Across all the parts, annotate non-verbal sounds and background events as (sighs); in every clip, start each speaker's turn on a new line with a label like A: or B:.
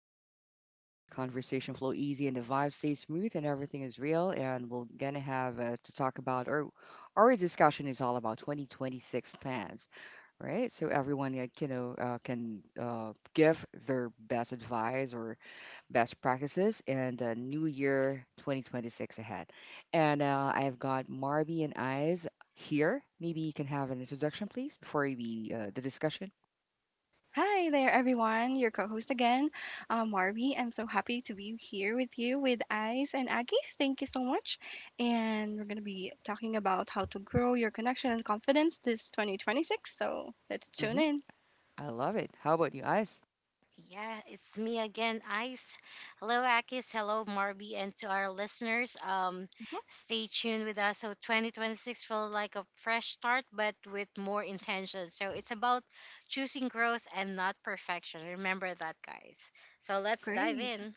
A: step into a chill zone where conversation flow easy and the vibe stays smooth and everything is real. And we're gonna have to talk about our discussion is all about 2026 plans, right? So everyone can give their best advice or best practices and New Year 2026 ahead. And I've got Marby and Eyes here. Maybe you can have an introduction, please, before we the discussion.
B: Hi there, everyone. Your co host again, Marvy. I'm so happy to be here with you with Ice and Aggies. Thank you so much. And we're going to be talking about how to grow your connection and confidence this 2026. So let's tune
A: Hmm.
B: in.
A: I love it. How about you, Eyes?
C: Yeah, it's me again, Ice. Hello, Akis. Hello, Marby. And to our listeners,
B: Mhm.
C: stay tuned with us. So 2026 felt like a fresh start, but with more intention. So it's about choosing growth and not perfection. Remember that, guys. So let's dive
B: Great.
C: in.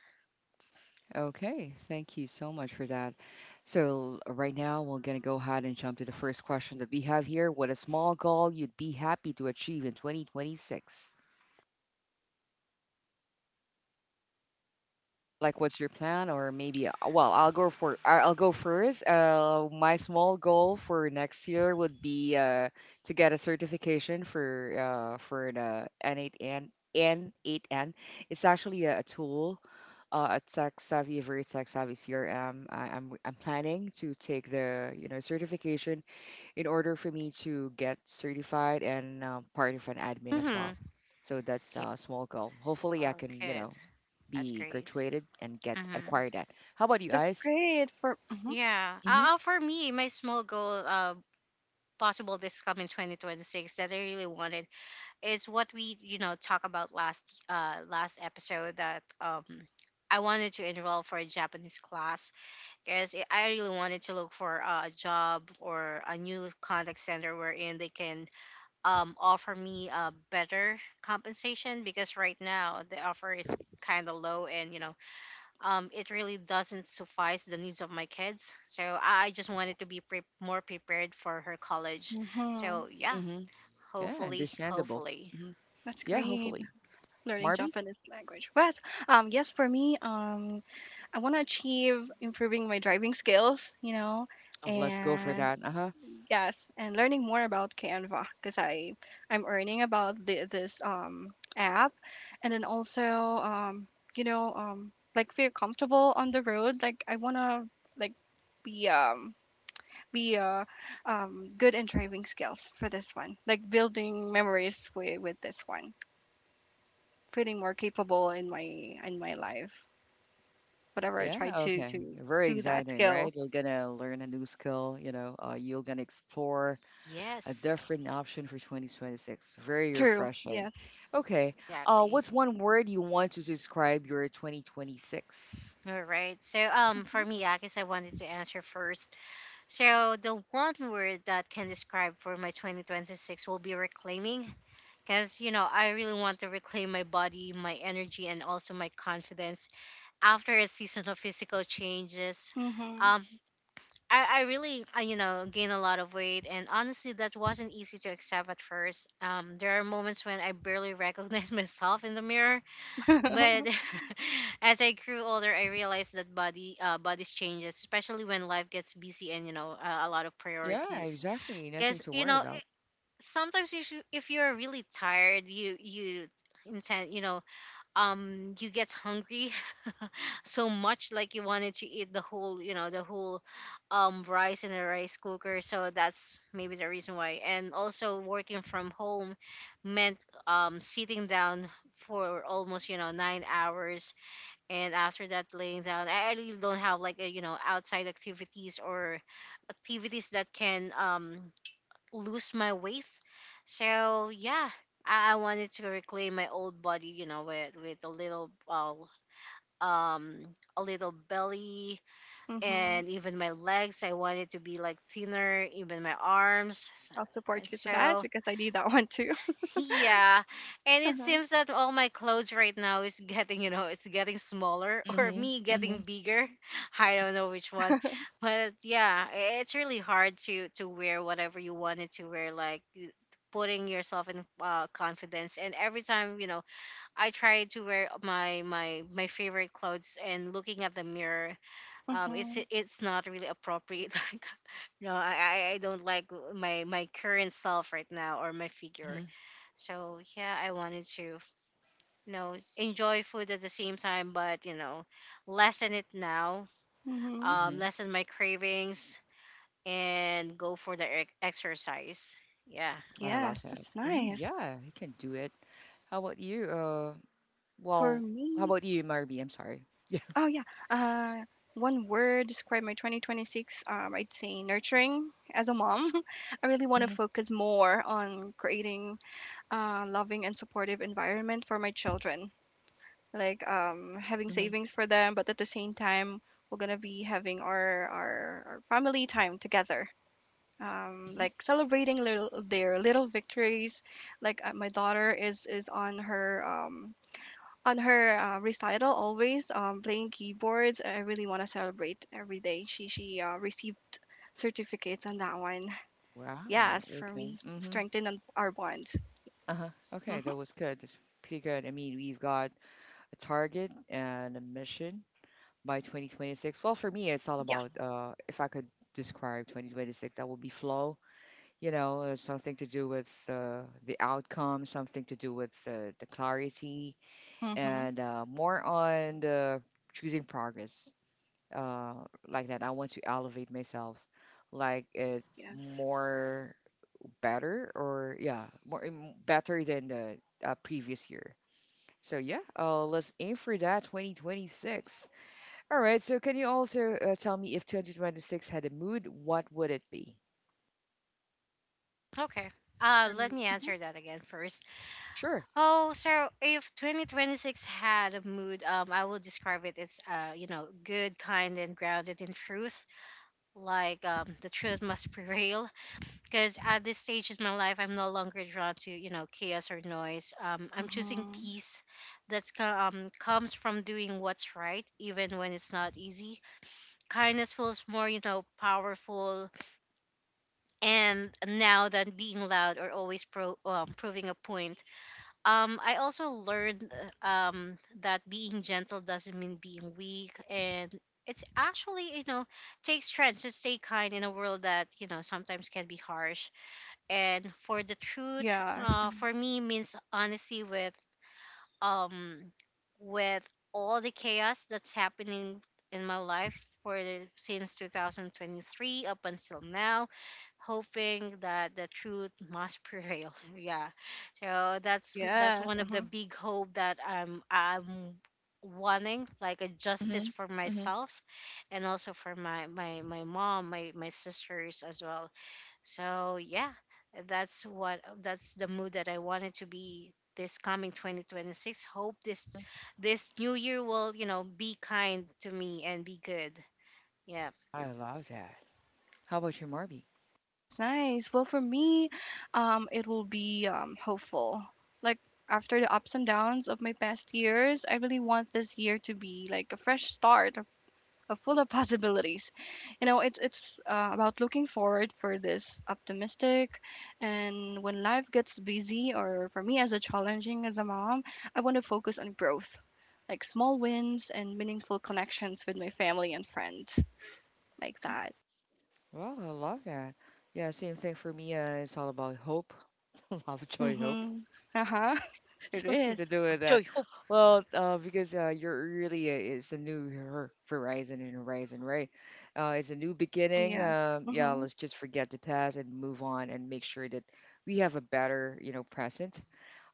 A: Okay, thank you so much for that. So, right now, we're going to go ahead and jump to the first question that we have here. What a small goal you'd be happy to achieve in 2026? Like, what's your plan? Or maybe, well, I'll go first. My small goal for next year would be to get a certification for the N8N. It's actually a tool, a tech savvy, very tech savvy CRM. I'm planning to take the certification in order for me to get certified and part of an admin as
C: Mm-hmm.
A: well. So that's
C: Yeah,
A: a small goal. Hopefully, I
C: all
A: can
C: good. That's
A: be
C: great.
A: graduated and get
C: Mm-hmm.
A: acquire that. How about you
B: That's
A: guys?
B: great for. Mhm,
C: Yeah.
A: Mm-hmm.
C: For me, my small goal, possible this coming 2026 that I really wanted, is what we talk about last episode that I wanted to enroll for a Japanese class because I really wanted to look for a job or a new contact center wherein they can offer me a better compensation because right now the offer is kind of low and it really doesn't suffice the needs of my kids, so I just wanted to be more prepared for her college.
B: mhm.
C: So yeah,
A: Mm-hmm. Yeah,
C: hopefully
A: understandable.
C: hopefully
A: Mm-hmm.
B: That's
A: Yeah,
B: great.
A: hopefully.
B: Learning
A: Marby?
B: Japanese language. Yes. Yes, for me, I want to achieve improving my driving skills, you know,
A: Oh, let's go for
B: and
A: that. Uh-huh.
B: yes, and learning more about Canva because I'm learning about this app, and then also um you know like feel comfortable on the road. Like I wanna like be um be good in driving skills for this one. Like building memories with this one, feeling more capable in my life. Whatever I
A: Yeah,
B: try to
A: okay.
B: to
A: Very
B: do that
A: exciting,
B: skill.
A: right? You're gonna learn a new skill, you're gonna explore a
C: Yes.
A: different option for 2026. Very
B: True.
A: refreshing.
B: Yes.
A: Okay.
C: Exactly.
A: What's one word you want to describe your 2026?
C: All right. So,
B: Mhm.
C: for me, I guess I wanted to answer first. So, the one word that can describe for my 2026 will be reclaiming, because you know I really want to reclaim my body, my energy, and also my confidence after a season of physical changes.
B: Mhm.
C: Um, I really, you know, gain a lot of weight, and honestly, that wasn't easy to accept at first. There are moments when I barely recognize (laughs) myself in the mirror, But
B: (laughs)
C: (laughs) as I grew older, I realized that body bodies changes, especially when life gets busy and you know a lot of
A: Yeah,
C: priorities.
A: exactly. Nothing
C: Because
A: to
C: you
A: worry
C: know
A: about.
C: it, sometimes you should, if you're really tired, you intend you know you get hungry (laughs) so much like you wanted to eat the whole rice in a rice cooker, so that's maybe the reason why. And also working from home meant sitting down for almost you know 9 hours, and after that laying down, I really don't have like a, you know, outside activities or activities that can lose my weight. So yeah, I wanted to reclaim my old body, you know, with um a little belly
B: mhm.
C: and even my legs. I wanted to be like thinner, even my arms. So-
B: I'll
C: And
B: support you to that
C: so
B: because I need that one too.
C: yeah, and it seems that all my clothes right now is getting, you know, it's getting smaller (laughs) or
A: Mhm.
C: me getting
A: Mhm.
C: bigger. I don't know which one, but yeah, it's really hard to wear whatever you wanted to wear, putting yourself in confidence. And every time, you know, I try to wear my favorite clothes and looking at the mirror,
B: (laughs)
C: it's
B: hmm
C: not really appropriate. (laughs) Like, no, I don't like my current self right now or my figure.
A: Mhm.
C: So yeah, I wanted to, you know, enjoy food at the same time, but you know, lessen it now,
B: hmm
A: Mhm.
C: lessen my cravings, and go for the exercise. Yeah.
A: I love
B: Yes,
A: that.
B: that's
A: Mhm.
B: nice.
A: Yeah, he can do it. How about you?
B: For
A: Well, how
B: me,
A: about you, Marby? I'm sorry. Yeah.
B: oh yeah, uh, one word describe my 2026. I'd say nurturing. As a mom, (laughs) I really want to
A: Mhm.
B: focus more on creating loving and supportive environment for my children. Like having
A: Mhm.
B: savings for them, but at the same time, we're gonna be having our family time together,
A: Mhm.
B: like celebrating little, their little victories. Like my daughter is on her recital, always playing keyboards. I really want to celebrate every day. She received certificates on that one.
A: Wow.
B: Yes, for
A: Okay.
B: me,
A: Mhm.
B: strengthen on our bonds.
A: Uh-huh. Okay,
B: Hmm.
A: that was good. That's pretty good. I mean, we've got a target and a mission by 2026? Well, for me, it's all
B: Yeah.
A: about if I could describe 2026, that would be flow. Something to do with the outcome, something to do with the clarity,
B: Hmm.
A: and more on the choosing progress. Uh, like that, I want to elevate myself, like it
B: Yes.
A: more better or yeah, more better than the previous year. So yeah, let's aim for that 2026. All right. So, can you also tell me if two hundred twenty-six had a mood, what would it be?
C: Okay.
B: For.
C: Let me
B: Mm-hmm.
C: answer that again first.
A: Sure.
C: Oh, so if 2026 had a mood, I will describe it as, you know, good, kind, and grounded in truth. Like, the truth must (laughs) prevail. Because at this stage in my life, I'm no longer drawn to you know chaos or noise. I'm choosing peace that's co- comes from doing what's right even when it's not easy. Kindness feels more you know powerful and now than being loud or always proving a point. I also learned uh, um, that being gentle doesn't mean being weak, and it's actually you know takes strength to stay kind in a world that you know sometimes can be harsh. And for the truth,
B: Yes. Mhm.
C: for me, means honesty with um with all the chaos that's happening in my life since 2023 up until now, hoping that the truth must prevail. (laughs) Yeah. So that's
B: Yes.
C: one of the
B: Mhm.
C: big hope that I'm wanting, like a justice
A: hmm
C: for
A: hmm
C: myself and also for my mom, my sisters as well. So yeah, that's the mood that I wanted to be this coming 2026. Hope this new year will, you know, be kind to me and be good. Yeah.
A: I love that. How about you, Marby?
B: That's nice. Well, for me, it will be hopeful. Like after the ups and downs of my past years, I really want this year to be like a fresh start, a full of (laughs) possibilities. You know, it's about looking forward for this optimistic, and when life gets busy or for me as a challenging as a mom, I want to focus on growth, like small wins and meaningful connections with my family and friends, like that.
A: Well, I love that. Yeah, same thing for me. It's all about hope, (laughs) love, joy, hope.
B: Mhm. Uh huh.
A: (laughs)
B: (laughs) It
A: Something
B: is.
A: to do with that.
C: Joy, hope.
A: Well, because you're really it's a new horizon and horizon, right? It's a new beginning.
B: Yes.
A: Yeah,
B: Mhm.
A: let's just forget the past and move on and make sure that we have a better present.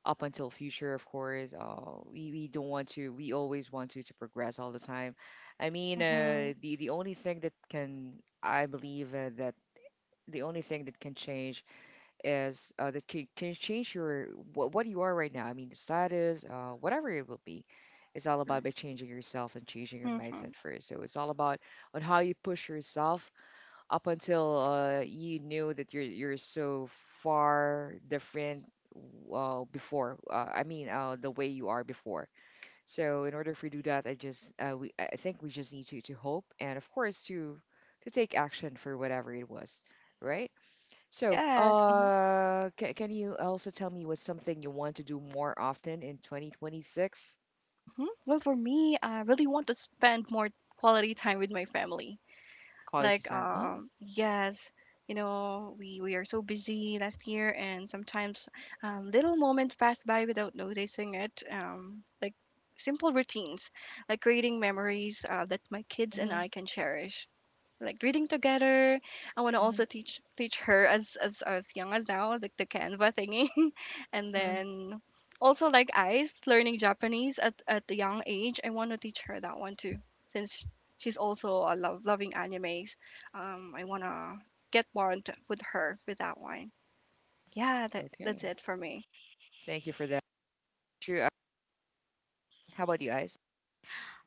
A: Up until future of course we don't want to we always want to progress all the time. I mean
B: Mhm.
A: the only thing that can I believe that the only thing that can change is that can change your what you are right now. I mean the status whatever it will be, it's all about
B: True.
A: by changing yourself and changing your
B: Mhm.
A: mindset first, so it's all about on how you push yourself up until you knew that you're so far different before I mean the way you are before. So in order for you to do that, I just, we I think we just need to hope and of course to take action for whatever it was, right? So
B: Yes. Mhm.
A: can you also tell me what's something you want to do more often in 2026?
B: Mhm. Well, for me, I really want to spend more quality time with my family.
A: Quality
B: Like,
A: time. Oh.
B: yes, you know, we are so busy last year, and sometimes little moments pass by without noticing it. Like simple routines, like creating memories that my kids and
A: Mhm.
B: I can cherish, like reading together. I want to
A: Mhm.
B: also teach her as as young as now, like the Canva thingy, (laughs) and
A: Mhm.
B: then also like Ice learning Japanese at the young age. I want to teach her that one too, since sh- she's also a love loving animes. I wanna get more into, with her with that one. Yeah, that's
A: Okay,
B: it for me.
A: thank you for that. True. How about you guys?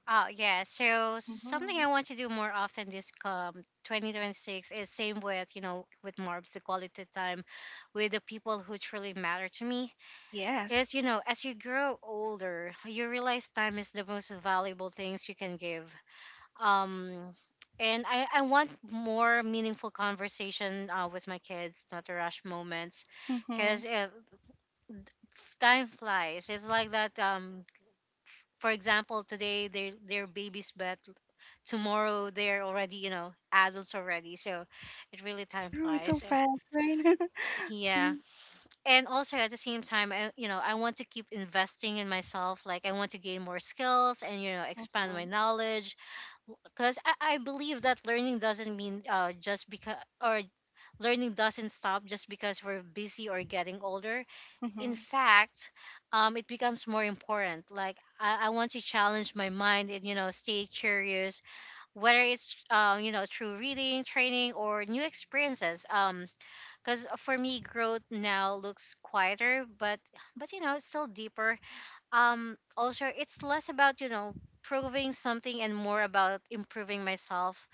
C: Oh yeah, so something
B: Hmm.
C: I want to do more often this come 2026 is same with you know with Marbs, the quality time with the people who truly matter to me.
B: Yes.
C: Because you know as you grow older, you realize time is the most valuable things you can give. um and I want more meaningful conversation with my kids, not to rush moments,
B: Hmm.
C: because time flies. It's like that. For example, today they're babies, but tomorrow they're already you know adults already. So it really time
B: True, it's so
C: flies.
B: fast, right? (laughs)
C: Yeah,
B: hmm
C: and also at the same time I, you know, I want to keep investing in myself, like I want to gain more skills and you know expand my knowledge, because I believe that learning doesn't mean just because or learning doesn't stop just because we're busy or getting older. In
B: hmm
C: fact, it becomes more important. Like I want to challenge my mind and you know stay curious, whether it's you know, through reading, training, or new experiences. Because for me, growth now looks quieter, but you know it's still deeper. Also, it's less about you know proving something and more about improving myself,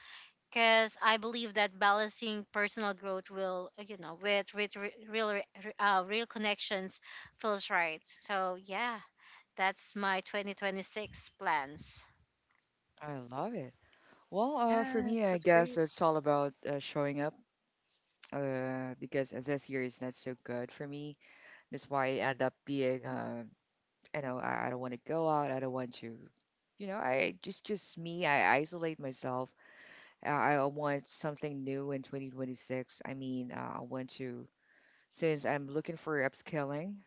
C: because I believe that balancing personal growth will, you know, with real connections feels right. So yeah, that's my 2026 plans.
A: I love it. Well, for
B: Yes,
A: me, I
B: that's
A: guess
B: great.
A: it's all about showing up because this year is not so good for me. That's why I end up being, I don't want to go out. I don't want to, you know, I just me. I isolate myself. I want something new in 2026. I mean, I want to, since I'm looking for upskilling,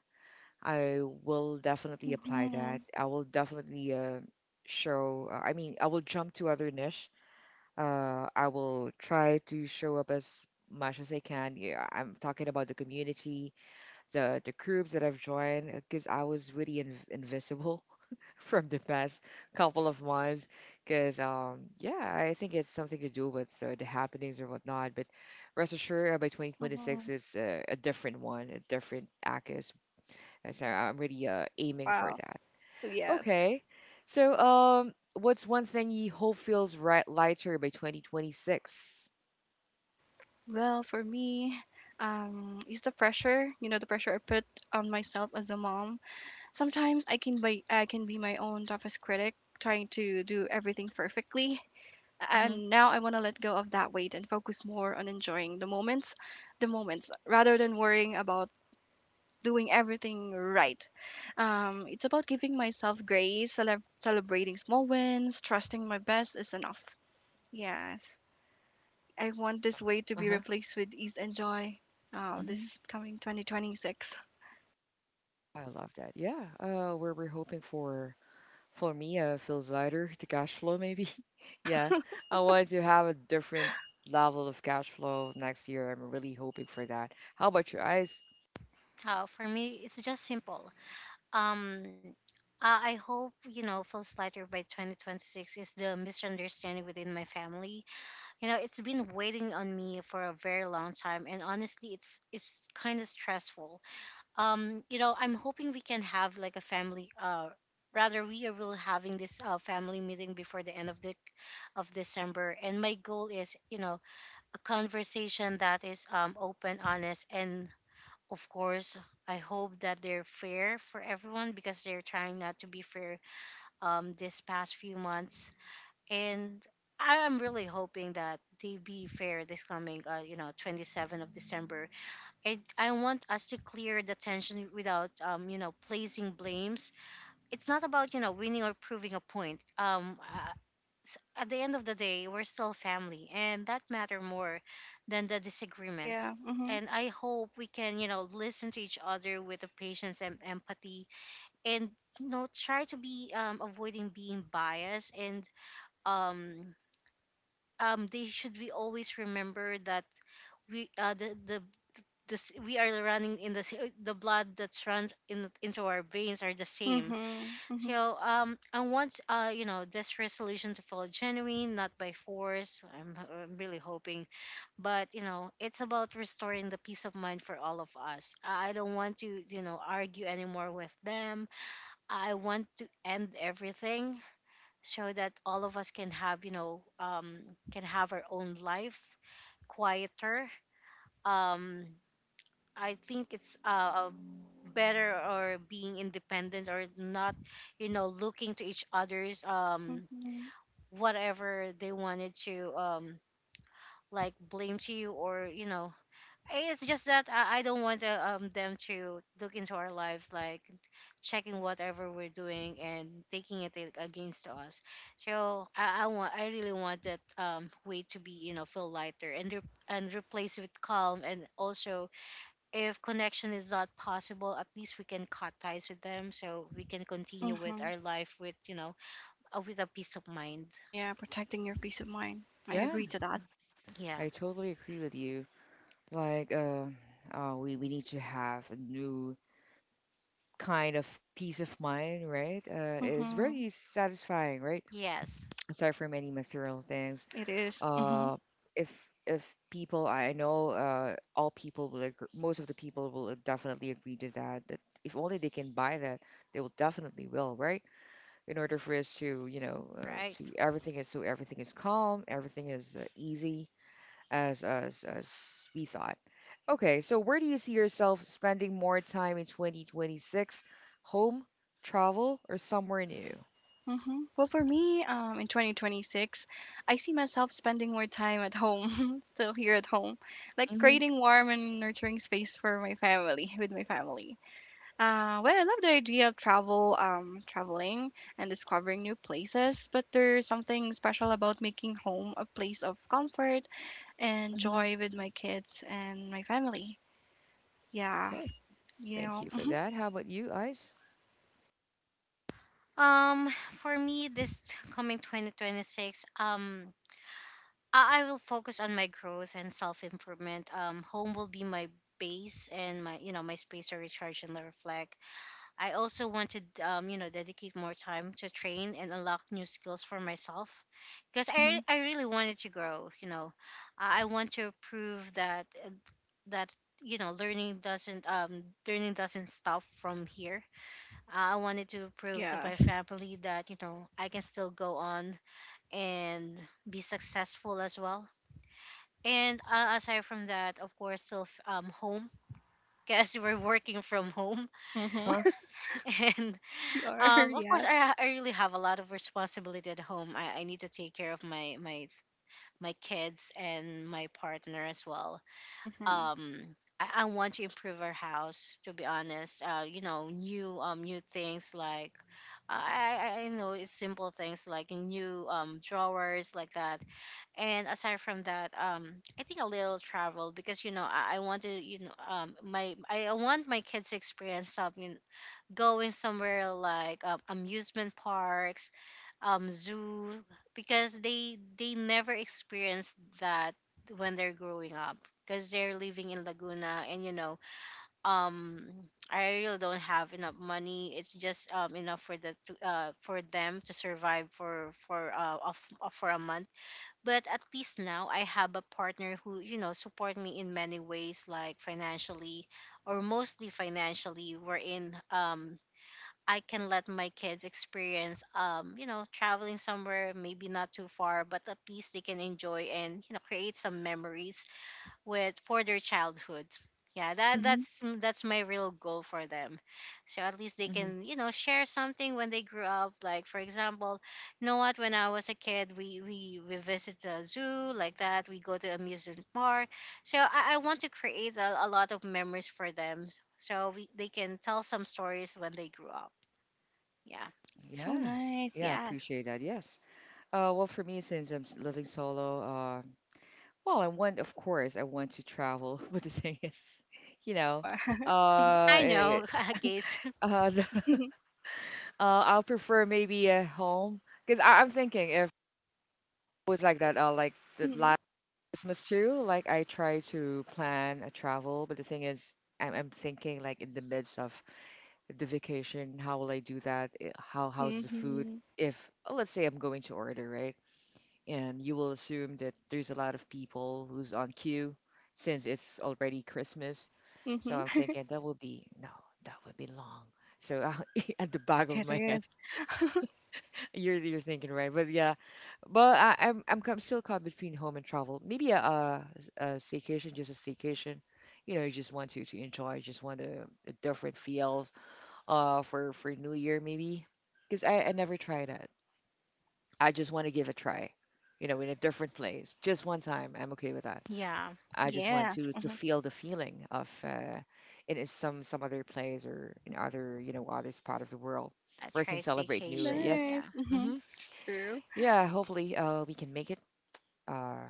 A: I will definitely apply
B: Hmm.
A: that. I will definitely show, I mean, I will jump to other niche. I will try to show up as much as I can. Yeah, I'm talking about the community, the groups that I've joined, because I was really in invisible (laughs) from the past couple of months. Because yeah, I think it's something to do with the happenings or whatnot. But rest assured, by 2026,
B: Mhm.
A: it's a different one, a different Akis. So I'm really aiming for
B: Wow.
A: that.
B: Yes.
A: Okay. So, what's one thing you hope feels right lighter by 2026?
B: Well, for me, it's the pressure, you know, the pressure I put on myself as a mom. Sometimes I can be my own toughest critic, trying to do everything perfectly.
A: Mm-hmm.
B: And now I want to let go of that weight and focus more on enjoying the moments, rather than worrying about doing everything right. It's about giving myself grace, celebrating small wins, trusting my best is enough. Yes. I want this weight to be
A: Uh-huh.
B: replaced with ease and joy. Oh,
A: Mm-hmm.
B: this coming 2026.
A: I love that. Yeah. Where we're hoping for me, feels lighter, the cash flow maybe. (laughs) Yeah. I want to have a different level of cash flow next year. I'm really hoping for that. How about your eyes?
C: How for me, it's just simple. Um, I hope you know feels lighter by 2026 is the misunderstanding within my family. You know, it's been waiting on me for a very long time, and honestly, it's kind of stressful. You know, I'm hoping we can have like a family rather we are will having this family meeting before the end of the of December, and my goal is you know a conversation that is open, honest, and of course I hope that they're fair for everyone, because they're trying not to be fair this past few months. And I'm really hoping that they be fair this coming, you know, 27 of December. I want us to clear the tension without, you know, placing blames. It's not about, you know, winning or proving a point. At the end of the day, we're still family, and that matter more than the disagreements.
B: Yeah. Mhm.
C: And I hope we can, you know, listen to each other with the patience and empathy, and you know, try to be avoiding being biased. And um, they should we always remember that we uh, the, the we are running in the the blood that's runs in into our veins are the same.
B: Mhm. Mhm.
C: So I want you know this resolution to feel genuine, not by force. I'm really hoping, but you know it's about restoring the peace of mind for all of us. I don't want to you know argue anymore with them. I want to end everything so that all of us can have you know can have our own life quieter. um I think it's better, or being independent or not, you know, looking to each other's
B: Mhm.
C: whatever they wanted to like blame to you or you know. It's just that I don't want them to look into our lives, like checking whatever we're doing and taking it against us. So I want I really want that way to be you know feel lighter and and replaced with calm, and also if connection is not possible, at least we can cut ties with them so we can continue with
B: Mhm.
C: our life with, you know, with a peace of mind.
B: Yeah, protecting your peace of mind. I
A: Yeah,
B: agree to that.
C: Yeah.
A: I totally agree with you. Like, we need to have a new kind of peace of mind, right? Is
B: Mhm.
A: really satisfying, right?
C: Yes.
A: Aside from any material things,
B: It is. Mhm.
A: uh, if if people I know, all people will agree, most of the people will definitely agree to that. That if only they can buy that, they will definitely will, right? In order for us to, you know, uh,
C: Right.
A: to everything is so everything is calm, everything is easy, as we thought. Okay, so where do you see yourself spending more time in 2026? Home, travel, or somewhere new?
B: Mhm. Well, for me, in 2026, I see myself spending more time at home, (laughs) still here at home, like
A: Mm-hmm.
B: creating warm and nurturing space for my family, with my family. Well, I love the idea of travel, traveling and discovering new places, but there's something special about making home a place of comfort and
A: Mm-hmm.
B: joy with my kids and my family. Yeah,
A: Okay.
B: you
A: Thank
B: know,
A: you for
B: hmm
A: that. How about you, Ice?
C: For me, this coming 2026, I will focus on my growth and self improvement. Home will be my base and my, you know, my space to recharge and reflect. I also want to, you know, dedicate more time to train and unlock new skills for myself, because
A: Mm-hmm.
C: I really wanted to grow. You know, I want to prove that that you know learning doesn't stop from here. I wanted to prove to my
B: yes,
C: family that you know I can still go on and be successful as well. And aside from that, of course, still home. Because (laughs) we're working from home,
B: hmm
A: Huh?
B: (laughs)
C: (laughs) and.
B: we are, (laughs)
C: Of course,
B: yes.
C: I really have a lot of responsibility at home. I need to take care of my kids and my partner as well.
B: Hmm.
C: I want to improve our house. To be honest, new new things like I know it's simple things like new drawers like that. And aside from that, I think a little travel because I want to you know my I want my kids to experience something, going somewhere like amusement parks, zoo, because they never experience that when they're growing up, because they're living in Laguna. And um I really don't have enough money. It's just enough for the to, for them to survive for of for a month. But at least now I have a partner who, you know, support me in many ways, like financially, or mostly financially, wherein I can let my kids experience, traveling somewhere, maybe not too far, but at least they can enjoy and, you know, create some memories with for their childhood. Yeah,
A: Mm-hmm.
C: that's my real goal for them. So at least they
A: Mm-hmm.
C: can, you know, share something when they grew up. Like for example, you know what, when I was a kid, we visit a zoo like that. We go to amusement park. So I want to create a lot of memories for them, so they can tell some stories when they grew up. Yeah.
B: That's
A: Yeah,
B: so nice,
A: yeah, I
B: yes.
A: appreciate that. Yes. Well, for me, since I'm living solo, well, I want, of course, I want to travel, (laughs) but the thing is, you know,
B: Wow.
A: uh,
C: I
A: eh,
C: know, (laughs) kids.
A: uh, (laughs) I'll prefer maybe a home because I'm thinking if it was like that, like the last
B: (laughs)
A: Christmas too. Like I try to plan a travel, but the thing is, I'm thinking like in the midst of the vacation, how will I do that? How's the food?
B: Mm-hmm.
A: If oh, let's say I'm going to order, right? And you will assume that there's a lot of people who's on queue since it's already Christmas. So I'm
B: Mm-hmm.
A: thinking that will be no, that would be long. So (laughs) at the back of
B: It
A: my head.
B: is.
A: You're thinking right, but yeah, but I'm still caught between home and travel. Maybe a staycation, just a staycation. You just want to enjoy, you just want a different feels. For New Year maybe, because I never tried that. I just want to give a try. In a different place, just one time. I'm okay with that.
C: Yeah.
A: I just want
B: Yeah.
A: to feel the feeling of in some other place or in other other spot of the world
C: A
A: where I can
C: tri
A: celebrate New Year.
C: staycation.
A: Yes.
C: Yeah.
B: Nice.
C: Yeah.
B: Mm-hmm.
A: Mm-hmm.
B: True.
A: Yeah, hopefully we can make it. Uh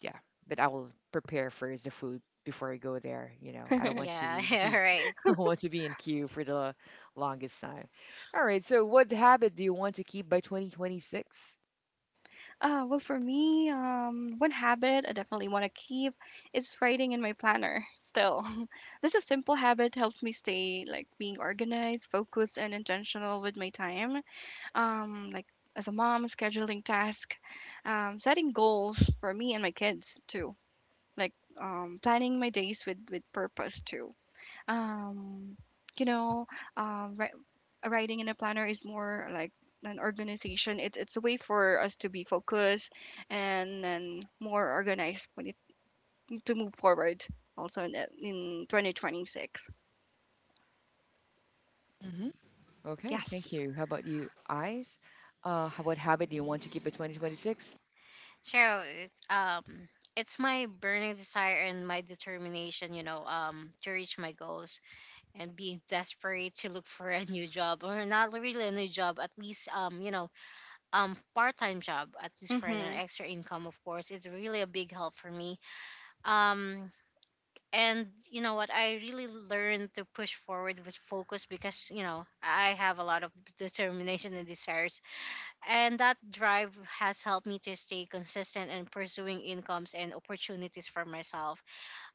A: yeah, but I will prepare first the food before I go there. I
C: (laughs)
A: don't want
C: Yeah.
A: to be
C: Right.
A: (laughs) I don't want to be in queue for the longest time. All right, so what habit do you want to keep by 2026?
B: Well, for me, one habit I definitely want to keep is writing in my planner still. (laughs) This is simple habit helps me stay like being organized, focused, and intentional with my time. Like as a mom, scheduling tasks, setting goals for me and my kids too. Like planning my days with purpose too. Um, you know, um, ri- writing in a planner is more like an organization. It's a way for us to be focused and more organized when it to move forward also in 2026.
A: Hmm. Okay, thank
B: Yes.
A: you. How about you, Eyes? What habit do you want to keep by 2026?
C: So it's my burning desire and my determination, you know, to reach my goals, and being desperate to look for a new job, or not really a new job, at least part time job, at least for an
B: Mm-hmm.
C: extra income, of course. It's really a big help for me. Um and you know what, I really learned to push forward with focus, because you know I have a lot of determination and desires, and that drive has helped me to stay consistent in pursuing incomes and opportunities for myself.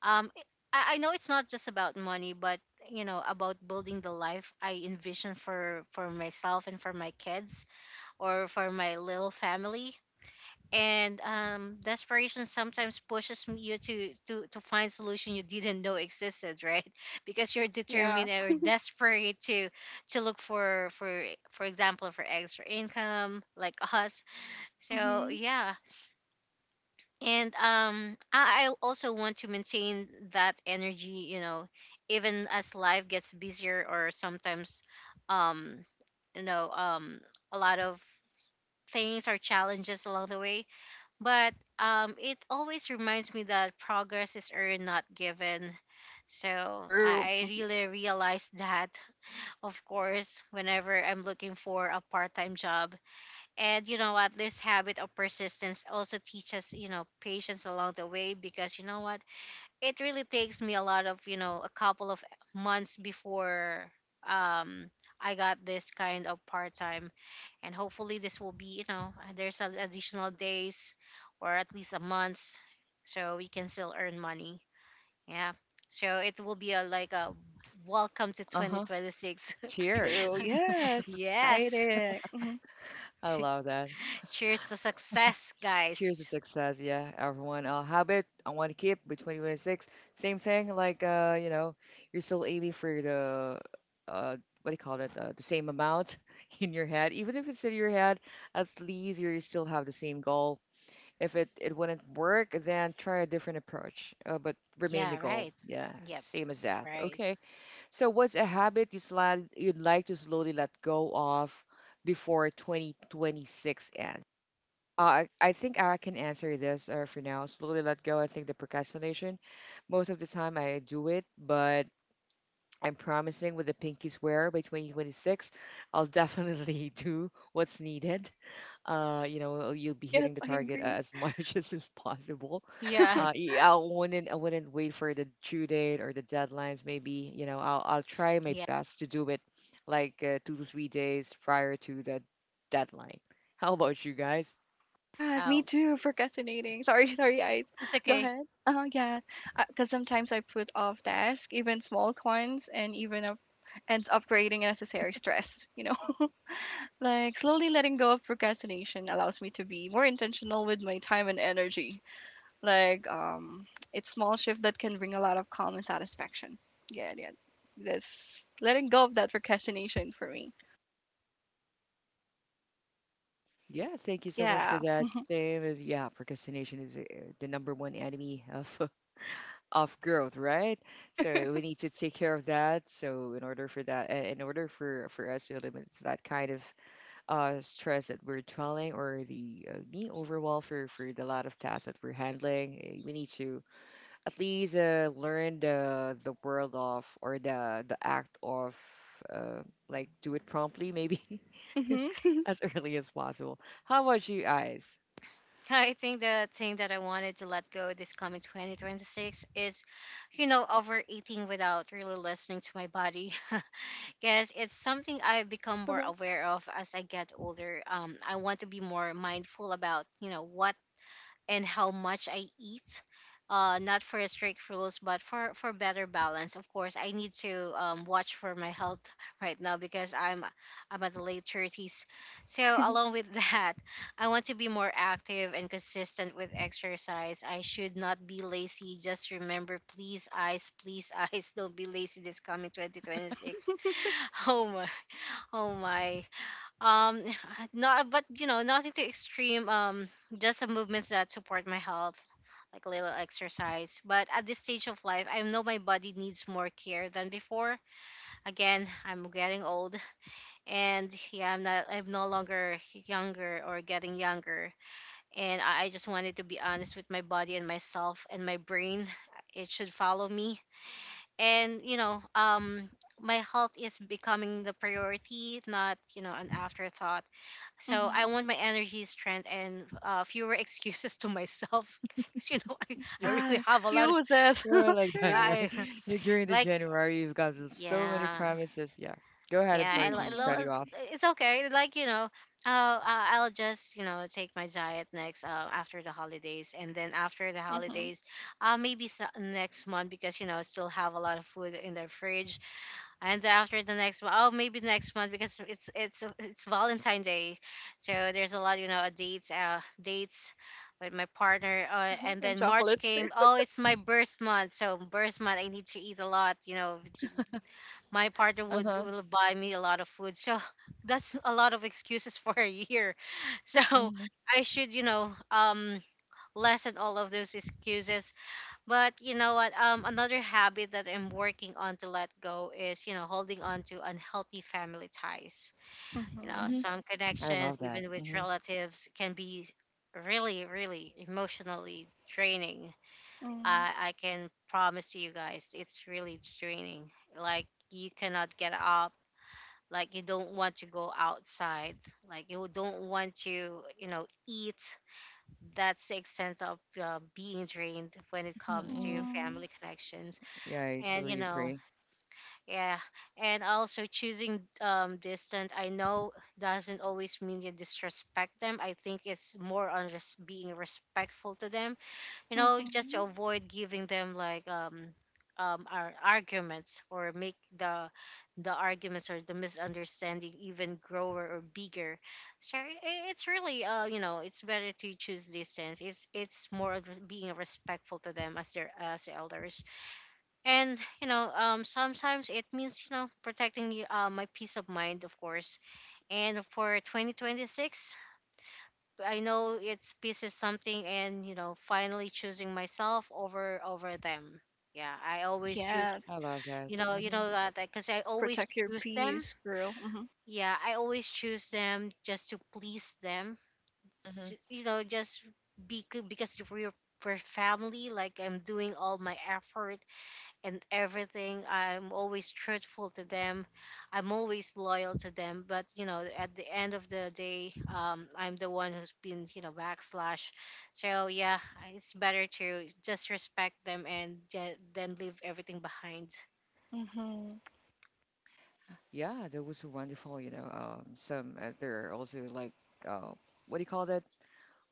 C: Um i, I know it's not just about money, but, you know, about building the life I envision for myself and for my kids, or for my little family. And desperation sometimes pushes you to find solution you didn't know existed, right? (laughs) Because you're
B: Yeah.
C: determined or desperate to look for example for extra income like us. So
B: Mm-hmm.
C: yeah. And I also want to maintain that energy, you know, even as life gets busier, or sometimes, um you know um a lot of things or challenges along the way. But it always reminds me that progress is earned, not given. So
B: True.
C: I really realized that, of course, whenever I'm looking for a part time job. And you know what? This habit of persistence also teaches, you know, patience along the way. Because you know what? It really takes me a lot of, you know, a couple of months before um I got this kind of part time, and hopefully this will be, you know, there's an additional days, or at least a month, so we can still earn money. Yeah, so it will be a like a welcome to
A: Uh-huh.
C: 2026.
A: Cheers.
B: True. Yes.
C: (laughs) Yes,
B: Exciting. Mm-hmm.
A: (laughs) I love that.
C: (laughs) cheers to success,
A: Cheers to
C: guys.
A: success, yeah, everyone. Habit I want to keep by 2026. Same thing, like you're still aiming for the what do you call it? The same amount (laughs) in your head, even if it's in your head. At least you still have the same goal. If it wouldn't work, then try a different approach, but remain the
C: Yeah,
A: goal.
C: right.
A: Yeah,
C: Yep,
A: same as that.
C: right.
A: Okay. So what's a habit you'd like to slowly let go of before 2026 ends? I think I can answer this for now. Slowly let go. I think the procrastination, most of the time I do it, but I'm promising with the pinky swear by 2026, I'll definitely (laughs) do what's needed. You'll be
B: Yes,
A: hitting the
B: I
A: target
B: agree.
A: as much (laughs) as is possible.
C: Yeah,
B: (laughs)
A: Yeah, I wouldn't wait for the due date or the deadlines. Maybe I'll try my
C: yeah.
A: best to do it like 2 to 3 days prior to the deadline. How about you guys?
B: Yes, me
C: Oh,
B: too, procrastinating. Sorry, (laughs) sorry, guys.
C: it's
B: Go
C: okay.
B: ahead. Oh, yes. Because sometimes I put off tasks, even small ones, and even up, ends up creating unnecessary stress, you know? (laughs) Like, slowly letting go of procrastination allows me to be more intentional with my time and energy. Like, it's small shift that can bring a lot of calm and satisfaction. Yeah, yeah. This letting go of that procrastination for me.
A: Yeah, thank you so much for
B: Yeah.
A: that. Same as yeah, procrastination is the number one enemy of (laughs) of growth, right? So we need to take care of that. So in order for that, in order for us to eliminate that kind of stress that we're dwelling or the being overwhelmed for the lot of tasks that we're handling, we need to at least learn the world of or the act of uh, like do it promptly, maybe (laughs)
B: Mm-hmm.
A: as early as possible. How about you guys?
C: I think the thing that I wanted to let go this coming 2026 is, you know, overeating without really listening to my body. (laughs) Because it's something I've become more aware of as I get older. I want to be more mindful about, you know, what and how much I eat. Not for strict rules, but for better balance. Of course, I need to watch for my health (laughs) right now, because I'm at the late thirties. So along
B: (laughs)
C: with (laughs) that, I want to be more active and consistent with exercise. I should not be lazy. Just remember, please, eyes, (laughs) don't be lazy this coming 2026. (laughs) Oh my, oh my um (sighs) not but you know nothing too extreme. Just some movements that support my health, like a little exercise. But at this stage of life, I know my body needs more care than before. Again, I'm getting old, and yeah, I'm no longer younger, or getting younger. And I just wanted to be honest with my body and myself and my brain. It should follow me. And my health is becoming the priority, not, you know, an afterthought. So I
B: mm-hmm.
C: want my energy, strength, and fewer (laughs) excuses to myself. (laughs) Because you know, I
A: Yes.
C: really
B: Yeah,
A: (laughs)
C: have a lot of,
A: It's
B: use it.
A: are
B: (laughs)
A: like
C: yeah,
A: that, (laughs)
B: True.
A: right? During
C: (laughs)
A: the
C: like
A: January, you've got so many
C: yeah,
A: promises. Yeah. Go ahead. I'm
C: yeah.
A: sorry to cut
B: Mhm.
A: you off.
C: It's okay. Like you know, I'll just, you know, take my diet next after the holidays. And then after the
B: Mhm.
C: holidays, next month, because you know I still have a lot of food in the fridge. And after the next one, oh, maybe next month, because it's Valentine's Day, so there's a lot, you know, dates with my partner. And
B: (laughs) And
C: then March
B: chocolates
C: came.
B: too.
C: Oh, it's my birth month, so birth month I need to eat a lot. You know, my partner would
A: Uh-huh.
C: will buy me a lot of food, so (laughs) that's a lot of excuses (laughs) for a year. (laughs) So
A: Hmm.
C: I should, you know, lessen all of those excuses. But you know what? Another habit that I'm working on to let go is, you know, holding on to unhealthy family ties. You know,
B: Mhm.
A: Hmm.
C: some
A: I
C: connections,
A: love that.
C: even with
A: Hmm.
C: relatives, can be really, really emotionally draining.
B: Mm.
C: I can promise you guys, it's really draining. Like, you cannot get up. Like, you don't want to go outside. Like, you don't want to, you know, eat. That's the extent of being drained when it comes to
A: Mm-hmm.
B: Mm.
C: family connections.
A: Yeah, I
C: and you
A: totally
C: know
A: agree.
C: yeah and also choosing distant, I know, doesn't always mean you disrespect them. I think it's more on just being respectful to them, you know, just to
B: Mhm.
C: avoid giving them like our arguments, or make the arguments or the misunderstanding even grower or bigger. So it's really, you know, it's better to choose distance. It's more of just being respectful to them as their as elders. And you know, sometimes it means, you know, protecting my peace of mind, of course. And for 2026, I know it's peace is something, and you know, finally choosing myself over over them. Yeah, I always choose,
B: Yes.
A: I love that.
C: you know, you
A: Hmm.
C: know that, because I always
B: Protect your
C: choose them.
B: peace, girl. Mhm.
C: Yeah, I always choose them just to please them.
A: Hmm.
C: You know, just be good, because we're family. Like I'm doing all my effort and everything. I'm always truthful to them. I'm always loyal to them. But you know, at the end of the day, I'm the one who's been, you know, backslash. So yeah, it's better to just respect them and then leave everything behind.
B: Mhm.
A: Yeah, that was wonderful. You know, some there are also like uh, what do you call that?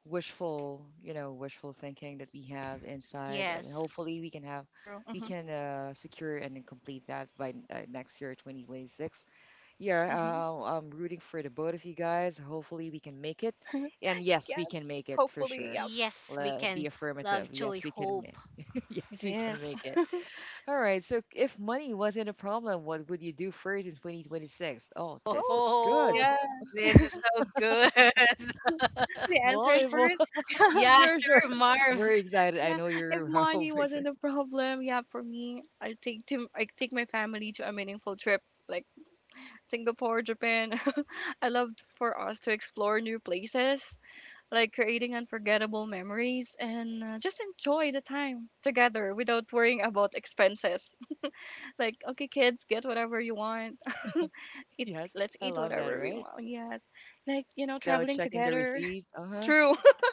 A: Wishful wishful thinking that we have inside, and
C: Yes,
A: hopefully we can have,
B: Girl.
A: we
B: Mhm.
A: can uh, secure and then complete that by next year, 2026. Yeah,
B: Mhm.
A: I'm rooting for the both of you guys. Hopefully, we can make it. And yes, we
B: Yes.
A: can make it for
B: Hopefully,
A: sure.
B: yep.
C: yes, we
A: Be
C: can
A: affirmative.
C: love, joy,
A: Yes, we can.
C: hope.
A: (laughs)
B: It
A: Yes, we
B: is.
A: can make it. All right. So, if money wasn't a problem, what would you do first in 2026? Oh,
C: (laughs)
A: this
B: Oh,
A: was
C: Oh,
A: good.
B: yeah.
C: this is so good.
B: The
A: (laughs)
B: answer is
A: Volleyball.
B: first.
C: (laughs)
A: (laughs)
C: Yeah,
A: Sure, sure.
C: sure,
A: (laughs) Very
C: Marv's.
A: excited. I
B: Yeah.
A: know
B: If
A: you're (laughs)
B: money
A: excited.
B: wasn't a problem, yeah, for me, I take my family to a meaningful trip like Singapore, Japan. (laughs) I love for us to explore new places like creating unforgettable memories and just enjoy the time together without worrying about expenses. (laughs) Like, okay, kids, get whatever you want. (laughs) Eat,
A: Yes,
B: let's
A: I
B: eat
A: love that.
B: whatever we
A: Right.
B: want. Yes, like you know,
A: Now
B: traveling
A: checking the
B: together.
A: receipt. Uh
B: (laughs)
A: huh.
B: True. (laughs)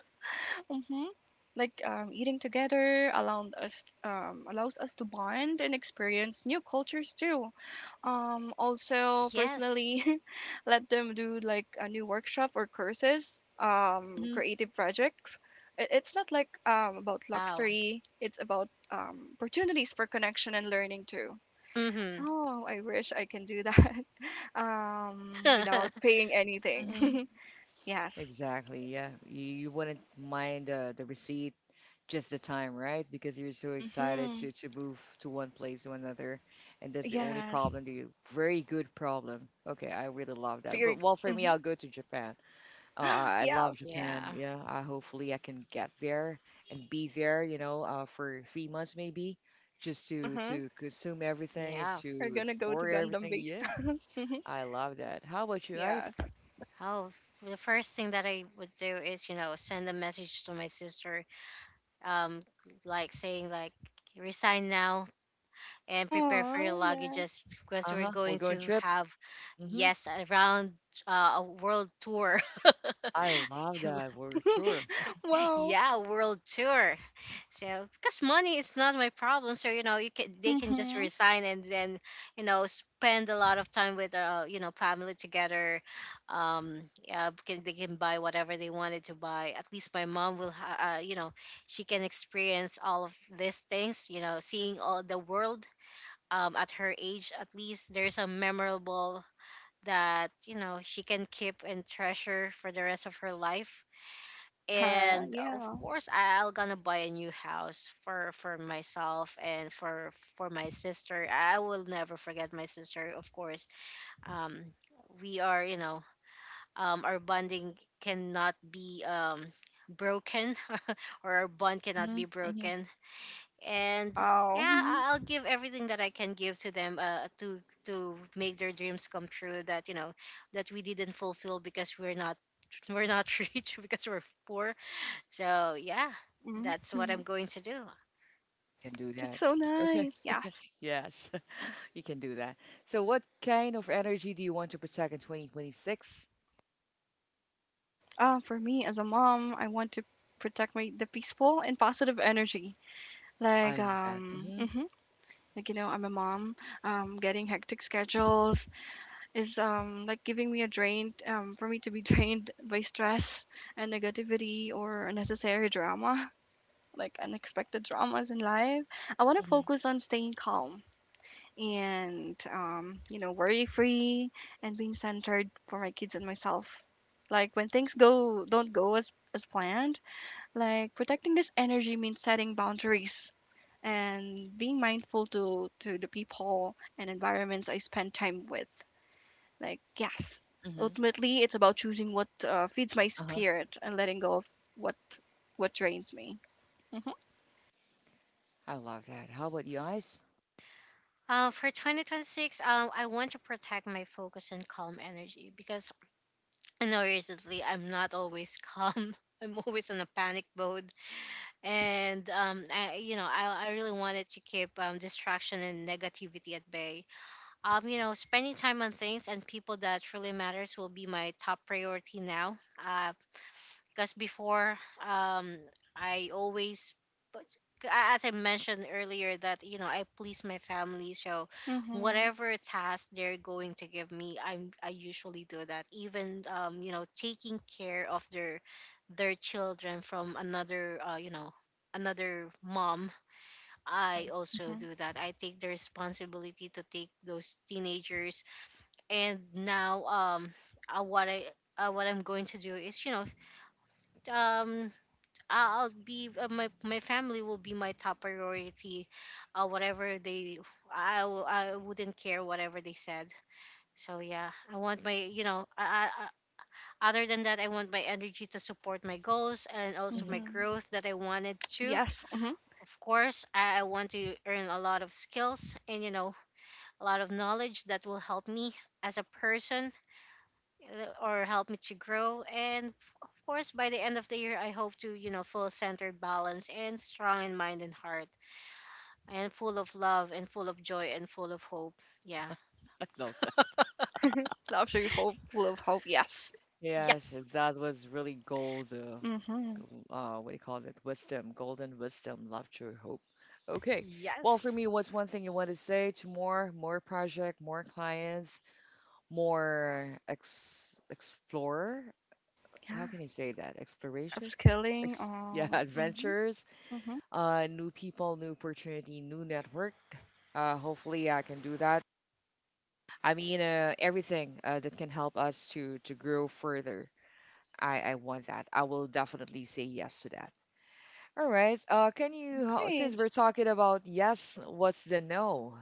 B: hmm Like eating together allowed us allows us to bond and experience new cultures too. Also
C: Yes.
B: personally, (laughs) let them do like a new workshop or courses, creative projects. It's not like about
C: Wow.
B: luxury. It's about opportunities for connection and learning too.
C: Mm-hmm.
B: Oh, I wish I can do that, (laughs) without
C: (laughs)
B: paying anything.
A: Mm-hmm.
B: (laughs) yes.
A: Exactly. Yeah. You wouldn't mind the receipt, just the time, right? Because you're so excited
B: Mhm.
A: to move to one place to another. And that's the only
B: Yes.
A: problem to you. Very good problem. Okay. I really love that.
B: Fear.
A: But well, for me,
B: Hmm.
A: I'll go to Japan. Uh,
B: (gasps)
A: I I
B: Yeah.
A: love Japan.
C: Yeah.
A: Yeah. Hopefully I can get there and be there, for 3 months maybe, just to,
B: Mhm.
A: to consume everything,
C: Yeah.
B: We're
A: to
B: gonna go to
A: explore
B: Gundam
A: everything.
B: base.
A: Yeah.
B: (laughs) mhm.
A: I love that. How about you guys?
B: Yes.
C: Oh, the first thing that I would do is, you know, send a message to my sister, um, like saying like, resign now and prepare for your
B: Oh, yeah.
C: luggages, because we're
A: Uh-huh. We'll
C: going
A: go on
C: to
A: trip.
C: have,
A: Hmm.
C: yes, around a world tour. (laughs)
A: I love
C: (laughs)
A: that word. Sure.
B: (laughs) Wow.
C: Yeah, world tour. So because money is not my problem, so you know you can they can just
B: Mhm.
C: resign, and then you know spend a lot of time with you know family together. Yeah, they can buy whatever they wanted to buy. At least my mom will, you know, she can experience all of these things. You know, seeing all the world. At her age, at least there's a memorable that you know she can keep and treasure for the rest of her life.
B: Uh-huh.
C: And of
B: Yeah.
C: course I'll gonna buy a new house for myself and for my sister. I will never forget my sister, of course. um we are, you know, our bonding cannot be broken, (laughs) or our bond cannot
A: Hmm.
C: be
A: Hmm.
C: broken. and
B: Wow.
C: yeah
B: Mhm.
C: I- I'll give everything that I can give to them, to make their dreams come true, that you know that we didn't fulfill because we're not, we're not (laughs) rich, because we're poor. So yeah,
B: Mm-mm.
C: that's what I'm
B: Mhm.
C: going to do.
A: Can do
B: That's
A: that.
B: so
A: Okay.
B: nice. Yes.
A: Yes. (laughs) You can do that. So, what kind of energy do you want to protect in 2026?
B: For me as a mom, I want to protect my the peaceful and positive energy.
A: I
B: Like
A: love that. Hmm.
B: mhm. Like you know, I'm a mom. Getting hectic schedules is like giving me a drain. For me to be (laughs) drained by stress and negativity or unnecessary drama, like unexpected dramas in life. I want to
A: Hmm.
B: focus on staying calm and you know worry free and being centered for my kids and myself, like when things go don't go as planned. Like protecting this energy means setting boundaries and being mindful to the people and environments I spend time with, like yes,
A: Hmm.
B: ultimately it's about choosing what feeds my
A: Uh huh.
B: spirit and letting go of what what drains me. Hmm.
A: I love that. How about you guys?
C: For 2026, I want to protect my focus and calm energy, because I know recently I'm not always calm. (laughs) I'm always in a panic mode, and you know, I really wanted to keep distraction and negativity at bay. You know, spending time on things and people that really matters will be my top priority now. Uh, because before um I always but As I mentioned earlier, that you know I please my family, so
B: Hmm.
C: whatever task they're going to give me, I usually do that, even you know taking care of their children from another another mom. I also
B: Hmm.
C: do that. I take the responsibility to take those teenagers. And now uh, what i what I'm going to do is um I'll be my family will be my top priority. Whatever they I wouldn't care whatever they said. So yeah, I want my other than that, I want my energy to support my goals and also
A: Hmm.
C: my
A: (laughs)
B: Hmm.
C: growth that I wanted to.
B: Yes. Hmm.
C: Of course, I want to earn a lot of skills and you know a lot of knowledge that will help me as a person, or help me to grow. Of course, by the end of the year, I hope to, you know, full centered, balanced, and strong in mind and heart, and full of love, and full of joy, and full of hope. Yeah.
A: I love that.
B: Love through hope, love, hope, yes.
A: Yes, that was really gold. Uh,
B: Mhm,
A: gl- uh, what do you call it? Wisdom, golden wisdom, love, true hope. Okay. Well, for me, what's one thing you want to say to more project, more clients, more ex explore.
B: yeah,
A: How can I say that? Exploration?
B: upskilling,
A: Ex yeah, (laughs)
B: mhm,
A: adventures,
B: mhm.
A: new people, new opportunity, new network. Hopefully, I can do that. I mean, everything that can help us to grow further. I want that. I will definitely say yes to that. All right. Since
B: Great.
A: we're talking about yes, what's the no?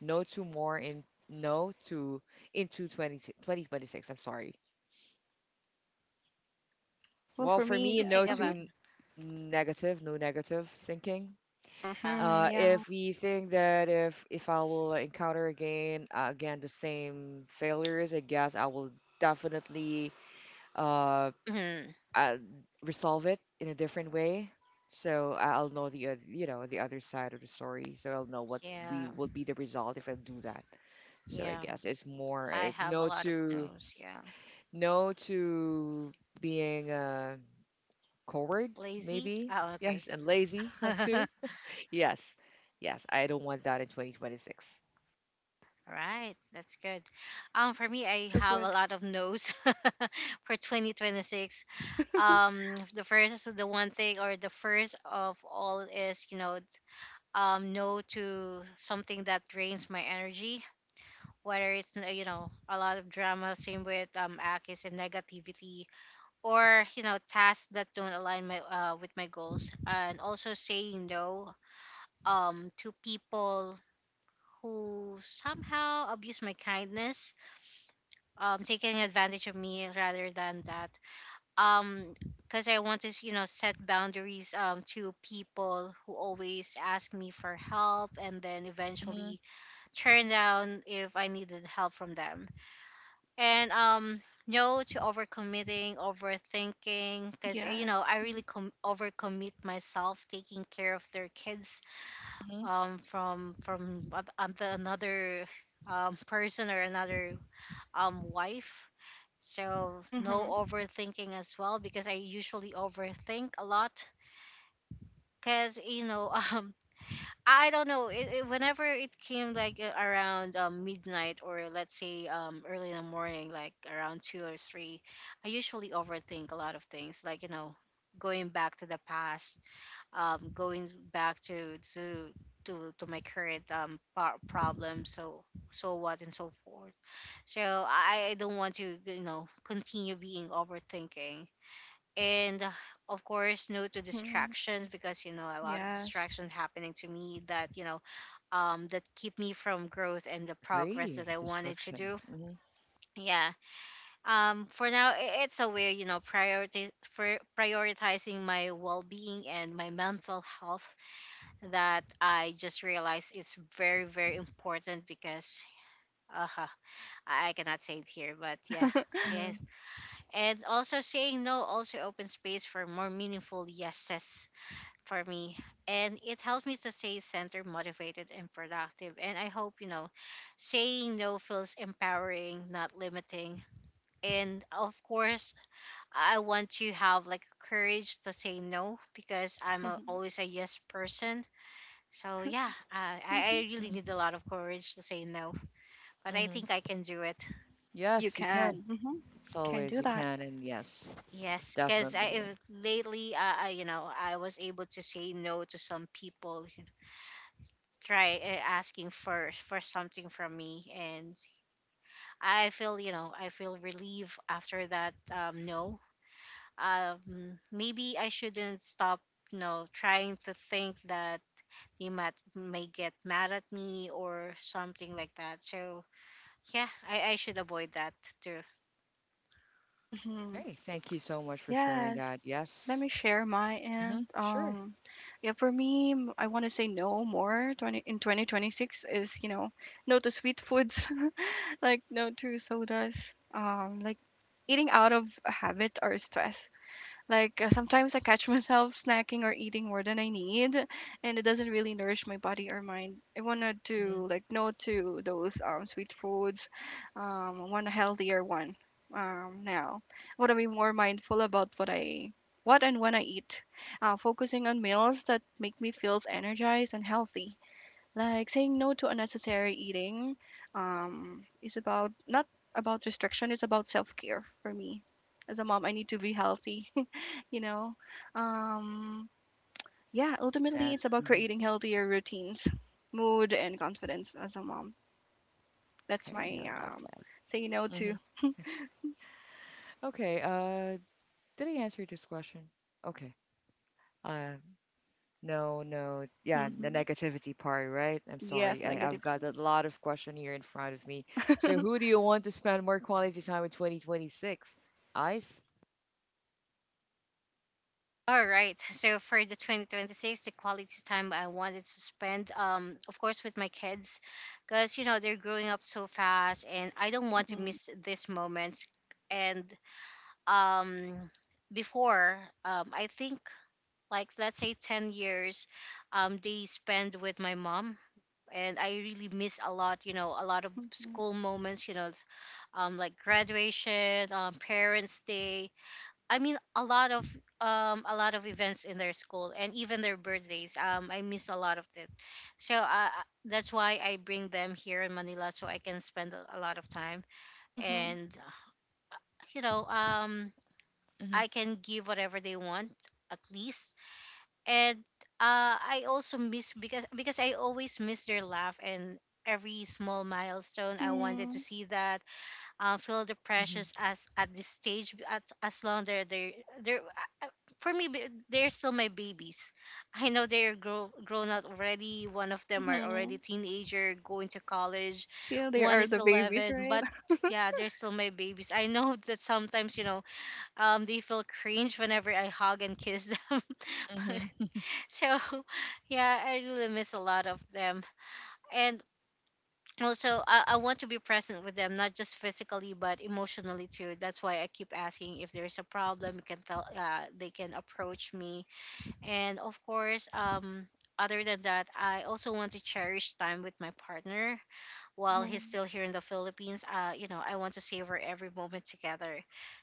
A: No to more in no to into twenty twenty twenty-six. I'm sorry.
B: Well,
A: Well,
B: for
A: for
B: me,
C: We
A: me,
C: think
A: no to
B: mhm,
C: about
A: negative, no negative thinking.
B: mhm,
C: that.
A: Uh,
B: yeah,
A: if we think that if I will encounter again the same failures, I guess I will definitely uh,
C: Mhm.
A: uh resolve it in a different way. So I'll know the other side of the story. So I'll know what
C: Yeah.
A: we will be the result if I do that. So I
C: Yeah.
A: guess it's more
C: I
A: it's
C: have a
A: no
C: lot of
A: to
C: those. Yeah.
A: no to being coward,
C: Lazy?
A: maybe.
C: Oh, okay.
A: Yes, and lazy (laughs)
C: (laughs)
A: too. Yes, yes, I don't want that in 2026.
C: All right, that's good. For me,
B: that's
C: I
B: so
C: have
B: good.
C: a lot of no's (laughs) for 2026.
B: (laughs)
C: So the one thing, or the first of all, is, you know, no to something that drains my energy. Whether it's you know a lot of drama, same with Akis and negativity, or you know tasks that don't align my with my goals, and also saying no to people who somehow abuse my kindness, taking advantage of me rather than that, um because I want to you know set boundaries to people who always ask me for help and then
A: Hmm.
C: eventually turn down if I needed help from them. And No to overcommitting, overthinking, because you
B: Yes.
C: know, I really overcommit myself taking care of their kids,
A: Hmm.
C: from another person or another wife. So no
B: Mhm,
C: overthinking as well, because I usually overthink a lot because you know (laughs) I don't know. Whenever it came, like around midnight, or let's say early in the morning, like around two or three, I usually overthink a lot of things. Like, you know, going back to the past, going back to my current problem. So, so what and so forth. So I don't want to you know continue being overthinking. And Of course, no to
B: mhm,
C: distractions, because you know a lot of
B: yes.
C: distractions happening to me that you know that keep me from growth and the progress that
A: Agree.
C: I wanted to
A: Destruction.
C: do. Yeah. For now, it's a way, you know, prioritize for prioritizing my well-being and my mental health that I just realized is very, very important, because uh, I cannot say it here, but yeah.
B: (laughs)
C: It,
A: Hmm.
C: and also, saying no also opens space for more meaningful yeses for me, and it helps me to stay centered, motivated, and productive. And I hope you know saying no feels empowering, not limiting. And of course, I want to have like courage to say no, because
B: Mhm,
C: always a yes person. So yeah,
B: mhm.
C: I really
A: Hmm.
C: need a lot of courage to say no, but I
A: Hmm.
C: think I can do it.
B: You
A: Yes, you can.
B: can. Mhm,
A: It's
B: can
A: always,
B: do
A: you
B: that.
A: can. And yes,
C: Yes, because I
A: definitely.
C: if lately you know I was able to say no to some people, try asking for something from me, and I feel you know I feel relieved after that. No Maybe I shouldn't stop, you know, trying to think that they might may get mad at me or something like that. So yeah, I should avoid that too.
B: Mhm,
A: Hey, thank you so much for sharing
B: yes.
A: that.
B: Let
A: Yes.
B: me share my
A: Hmm.
B: end.
A: Sure.
B: Yeah, for me, I want to say no more. Twenty in 2026 is, you know, no to sweet foods, like no to sodas, like eating out of habit or stress. Like sometimes I catch (laughs) myself snacking or eating more than I need, and it doesn't really nourish my body or mind. I wanted
A: Hmm.
B: to, like, no to those sweet foods. I want a healthier one. Now I want to be more mindful about what and when I eat, focusing on meals that make me feel energized and healthy. Like saying no to unnecessary eating is about not about restriction, it's about self care for me. As a mom, I need to be healthy, (laughs) you know? Um, yeah, ultimately,
A: That.
B: it's about
A: Mhm.
B: creating healthier routines, mood, and confidence as a mom. That's
A: Okay,
B: my
A: I love that.
B: say no
A: Hmm.
B: to.
A: Okay, did I answer this question? Okay. Uh, No, no. Yeah, the
B: Hmm.
A: negativity part, right? I'm sorry.
B: Yes,
A: I,
B: negative.
A: I've got a lot of question here in front of me. So who do you want to spend more quality time in 2026? Ice?
C: All right, so for the 2026, the quality time I wanted to spend, of course, with my kids, because you know they're growing up so fast, and I don't want to
B: Hmm.
C: miss these moments. And um, Before, I think like let's say 10 years, they spend with my mom, and I really miss a lot. You know, a lot of
B: Hmm.
C: school moments. You know, like graduation, Parents' Day, I mean a lot of events in their school, and even their birthdays. I miss a lot of it, so that's why I bring them here in Manila, so I can spend a lot of time
B: Hmm.
C: and you know um
A: Mhm,
C: I can give whatever they want, at least. And I also miss, because I always miss their laugh, and every small milestone I wanted to
B: Hmm.
C: see that. Feel the
A: mhm,
C: pressures as at this stage, as long they're, they're uh, uh, for me, they're still my babies. I know they're grown out already. One of them are already
B: Hmm.
C: teenager going to college,
B: Still, there
C: one
B: are
C: is
B: the babies,
C: 11.
B: right?
C: But yeah, they're still my babies. I know (laughs) that sometimes, you know, they feel cringe whenever I hug and kiss them. (laughs) but,
A: mhm,
C: so Yeah, I really miss a lot of them. And also, I want to be present with them, not just physically but emotionally too. That's why I keep asking if there's a problem you can tell, they can approach me. And of course Other than that, I also want to cherish time with my partner
B: (laughs)
C: while he's
B: hmm
C: still here in the Philippines. You know, I want to savor every moment together,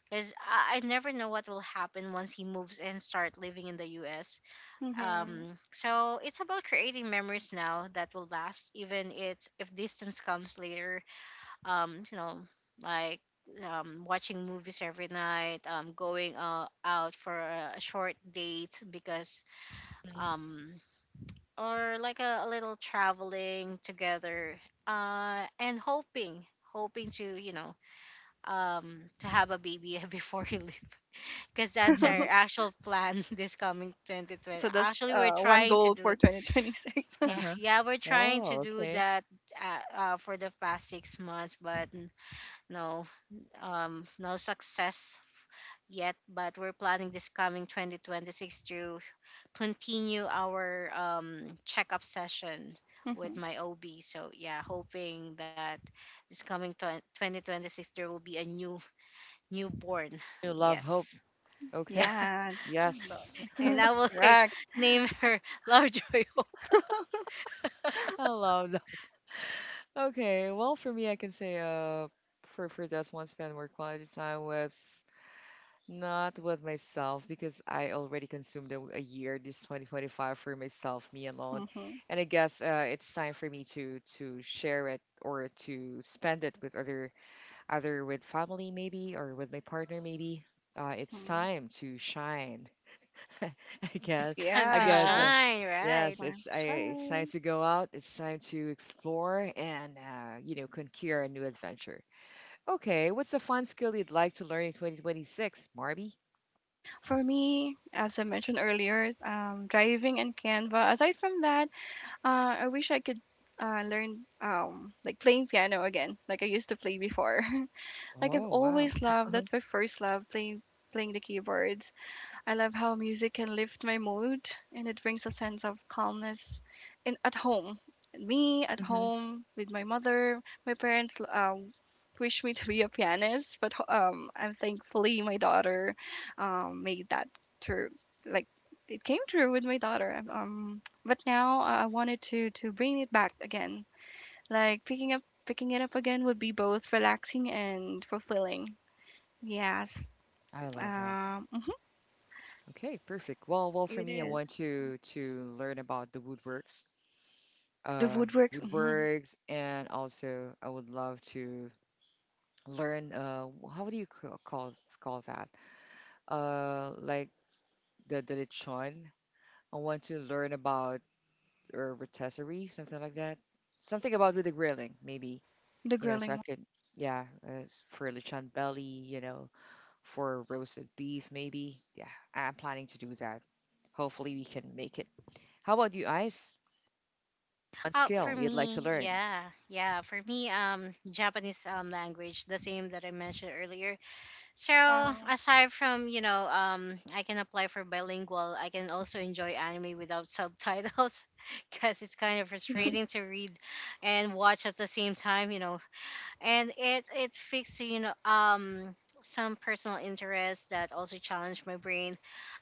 C: because I never know what will happen once he moves and start living in the US.
B: hmm
C: So it's about creating memories now that will last, even it's if distance comes later. You know, like watching movies every night, going out for a short date, because
A: mhm,
C: um, or like a little traveling together, uh, and hoping, hoping to, you know, to have a baby (laughs) before he leaves, because that's our
A: mhm.
C: actual plan (laughs) this coming 2020.
B: So that's
C: Actually, we're
B: one
C: trying to
B: goal
C: do.
B: for 2026. (laughs)
C: Yeah,
A: Uh-huh.
C: yeah, we're trying to
A: Oh,
C: do
A: okay.
C: that for the past 6 months, but no, no success yet. But we're planning this coming 2026 to continue our checkup session with
B: Mhm.
C: my OB. So yeah, hoping that this coming 2026 there will be a newborn. (laughs)
A: You love hope.
C: Yes, yeah,
A: Okay.
B: Yeah,
A: Yes.
C: (laughs) and
B: the-
C: I will
B: (laughs) correct.
C: (laughs) name her Lovejoy. (laughs) Hope.
A: (laughs) I love that. Okay. Well, for me, I can say for this one, spend more quality time with. Not with myself because I already consumed a year this 2025 for myself, me alone.
B: Mhm,
A: And I guess it's time for me to share it or to spend it with other either with family maybe or with my partner maybe. It's
B: mhm.
A: time to shine. (laughs) I guess
C: It's time
A: I
C: to
A: guess
B: Yes,
A: uh,
C: shine,
A: yes,
C: right?
B: I'm
A: it's time
B: shy.
A: to go out. It's time to explore and conquer a new adventure. Okay, what's a fun skill you'd like to learn in 2026, Marby?
B: For me, as I mentioned earlier, driving and Canva. Aside from that, I wish I could learn like playing piano again, like I used to play before. (laughs) Like I've
A: Oh, wow.
B: always loved,
A: Uh-huh.
B: that's my first love, playing the keyboards. I love how music can lift my mood, and it brings a sense of calmness in at home. Me at
A: Hmm.
B: home with my mother, my parents wish me (laughs) to be a pianist, but I'm thankfully my daughter made that true. Like it came true with my daughter. But now I wanted to bring it back again. Like picking it up again would be both relaxing and fulfilling. Yes,
A: I love that.
B: um,
A: Okay, perfect. Well, for
B: it
A: me, I
B: is
A: want to learn about the woodworks,
B: the
A: uh,
B: woodworks. Mhm.
A: and also I would love to learn. How do you call that? Like the lechon. I want to learn about or rotisserie, something like that. Something about with the grilling, maybe.
B: The
A: You know, so I
B: grilling
A: could, yeah, for lechon belly. You know, for roasted beef, maybe. Yeah, I'm planning to do that. Hopefully, we can make it. How about you, Ice? One
C: For
A: skill you'd like to
C: me,
A: learn?
C: yeah, yeah. For me, Japanese language, the same that I mentioned earlier. So
B: one. Wow.
C: aside from you know, I can apply for bilingual. I can also enjoy anime without subtitles, (laughs) because it's kind of frustrating to read and watch at the same time, you know. And it fixes you know some personal interests that also challenge my brain.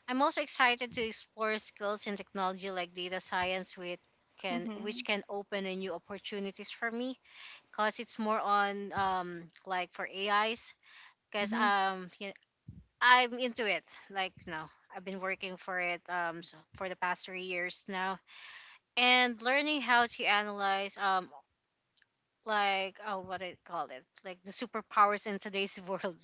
C: I'm also excited to explore skills in technology like data science with can which
B: Mm-hmm.
C: can open a new opportunities for me, because it's more on like for AIs, because
A: Mm-hmm.
C: you know, I'm into it, like you know I've been working for it for the past 3 years now, and learning how to analyze like oh what I call it, like the superpowers in today's (laughs) world.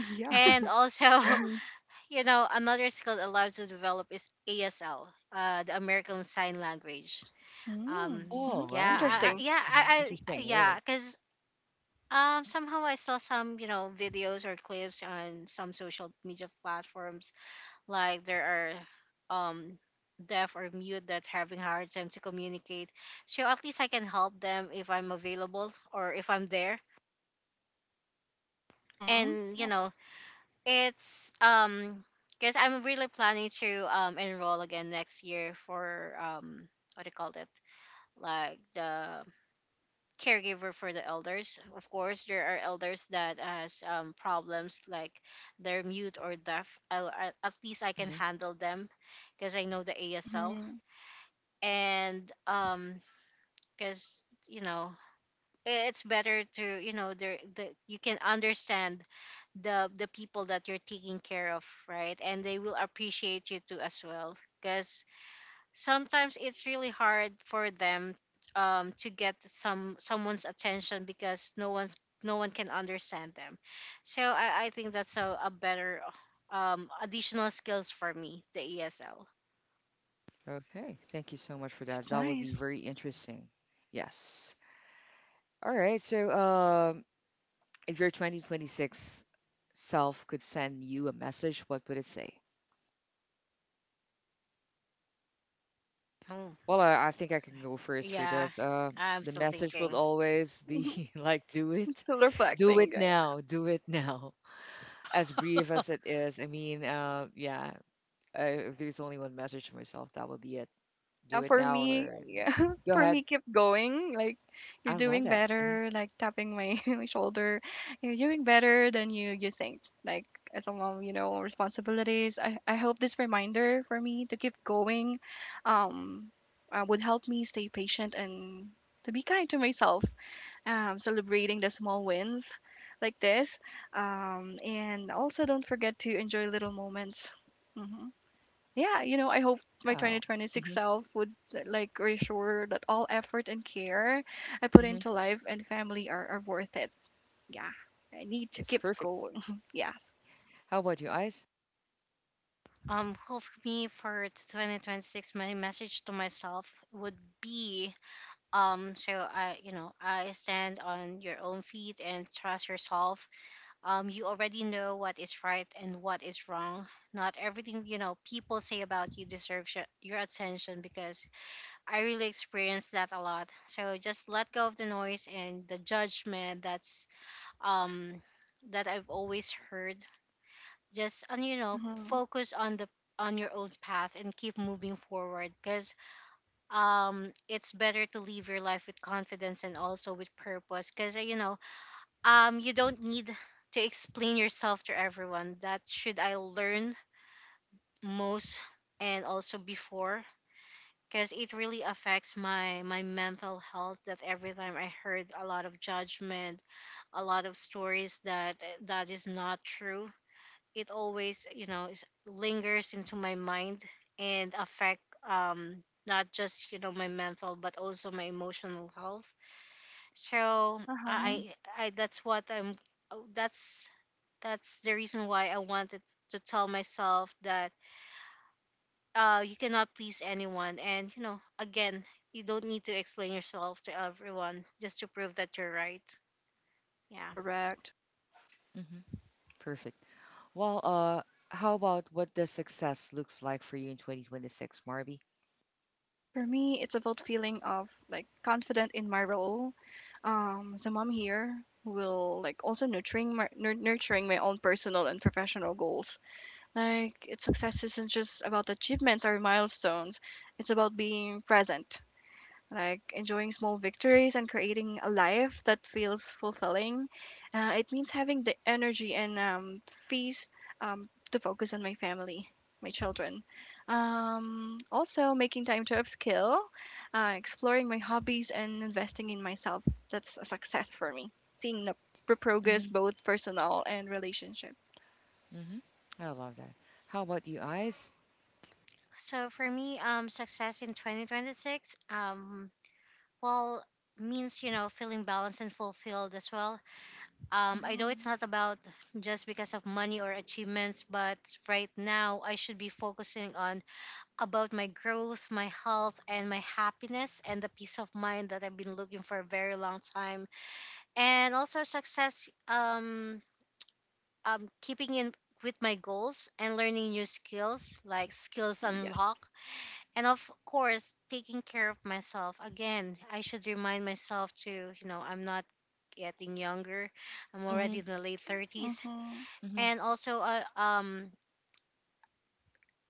B: Yeah. (laughs)
C: And
A: (laughs)
C: also,
A: Hmm.
C: you know, another skill allowed to develop is ASL, the American Sign Language.
B: Mm. Mm-hmm.
A: Oh,
C: Yeah,
A: wow.
C: I-
B: Interesting.
C: yeah,
A: Hmm.
C: I
A: Interesting,
C: yeah,
A: really.
C: because Somehow I saw some, you know, videos or clips on some social media platforms. Like there are um, deaf or mute that having hard time to communicate. So at least I can help them if I'm available or if I'm there.
B: Mm-hmm.
C: And you know, It's because I'm really planning to enroll again next year for what do you call it like the caregiver for the elders. Of course, there are elders that has problems like they're mute or deaf. At least I can
A: Hmm.
C: handle them because I know the
B: Yep.
C: ASL.
B: Mm-hmm.
C: And because You know, it's better to, you know, you can understand the people that you're taking care of, right? And they will appreciate you too as well, because sometimes it's really hard for them to get someone's attention, because no one can understand them. So I think that's a better additional skills for me, the ESL.
A: Okay, thank you so much for that.
B: It's
A: That would
B: nice.
A: be very interesting. Yes. All right. So, if your 2026 self could send you a message, what would it say?
C: Oh,
A: Well, I think I can go first for
C: yeah,
A: this. Uh,
C: I'm
A: the
C: still
A: message will
C: thinking.
A: always
B: Mhm.
A: be (laughs) like,
B: (laughs) Still
A: do
B: reflecting,
A: it
B: guys.
A: now, do it now. (laughs) As brief as it is, I mean, yeah, if there's only one message to myself, that would be it. Do
B: Yeah,
A: it now or
B: (laughs)
A: go
B: for
A: ahead.
B: me, keep going. Like you're
A: I love
B: doing
A: that. Hmm.
B: better. Like tapping my, (laughs) my shoulder, you're doing better than you think. Like as a mom, you know, responsibilities. I hope this reminder for me to keep going, um, would help me stay patient and to be kind to myself, celebrating the small wins like this. And also, don't forget to enjoy little moments. Hmm. Yeah, you know, I hope my
A: Wow.
B: 2026
A: Hmm.
B: self would like reassure that all effort and care I put
A: Hmm.
B: into life and family are worth it. Yeah, I need to
A: That's
B: keep
A: perfect.
B: going. (laughs) Yes.
A: How about you, Ice?
C: Well, for me, for 2026, my message to myself would be, you know, I stand on your own feet and trust yourself. You already know what is right and what is wrong. Not everything people say about you deserves your attention because I really experienced that a lot. So just let go of the noise and the judgment um that I've always heard. Just , and
B: Mm-hmm.
C: focus on the on your own path and keep moving forward because it's better to live your life with confidence and also with purpose, because you don't need to explain yourself to everyone that should I learn most and also before, because it really affects my mental health. That every time I heard a lot of judgment, a lot of stories that is not true, it always is, lingers into my mind and affect, not just my mental but also my emotional health. So
B: Uh-huh.
A: Hmm.
C: I that's what I'm oh, that's the reason why I wanted to tell myself that, you cannot please anyone, and again, you don't need to explain yourself to everyone just to prove that you're right. Yeah.
B: Correct.
A: Hmm. Perfect. Well, how about what the success looks like for you in 2026, Marby?
B: For me, it's about feeling of like confident in my role. The mom here will like also nurturing my own personal and professional goals. Like, its success isn't just about achievements or milestones. It's about being present, like enjoying small victories and creating a life that feels fulfilling. It means having the energy and, peace, to focus on my family, my children. Also, making time to upskill, exploring my hobbies, and investing in myself. That's a success for me. Seeing the progress, both personal and relationship.
A: Hmm. I love that. How about you, Eyes?
C: So for me, success in 2026. Well, means, feeling balanced and fulfilled as well. I know
B: Mm-hmm.
C: it's not about just because of money or achievements, but right now I should be focusing on about my growth, my health, and my happiness, and the peace of mind that I've been looking for a very long time. And also success. Keeping in with my goals and learning new skills like skills
B: Yes.
C: unlock. And of course taking care of myself. Again, I should remind myself to, I'm not getting younger. I'm
A: Hmm.
C: already in the late 30s.
B: Mm-hmm.
A: Hmm.
C: And also,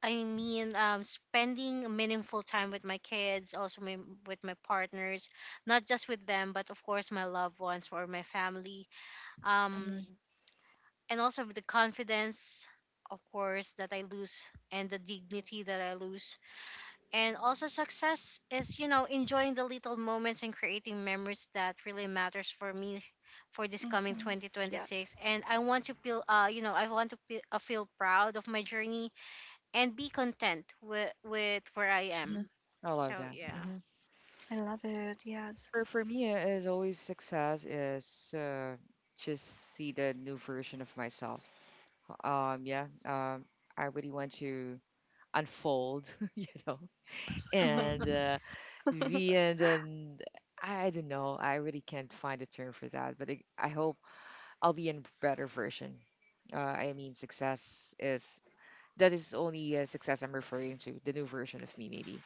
C: I mean, spending meaningful time with my kids, also my, with my partners, not just with them, but of course my loved ones or my family. Um,
A: Hmm.
C: and also with the confidence, of course, that I lose, and the dignity that I lose. And also success is, enjoying the little moments and creating memories that really matters for me for this coming
B: Mm-hmm. Yes.
C: 2026. And I want to feel, feel proud of my journey and be content with, where I
A: Hmm.
C: am.
A: I love
C: So,
A: that.
C: yeah.
A: Hmm.
B: I love it. Yes.
A: For me, as always, success is just see the new version of myself. Yeah. I really want to unfold, (laughs) and uh, the
B: (laughs)
A: and then I don't know. I really can't find a term for that, but I hope I'll be in a better version. I mean, success is That is only success I'm referring to, the new version of me, maybe.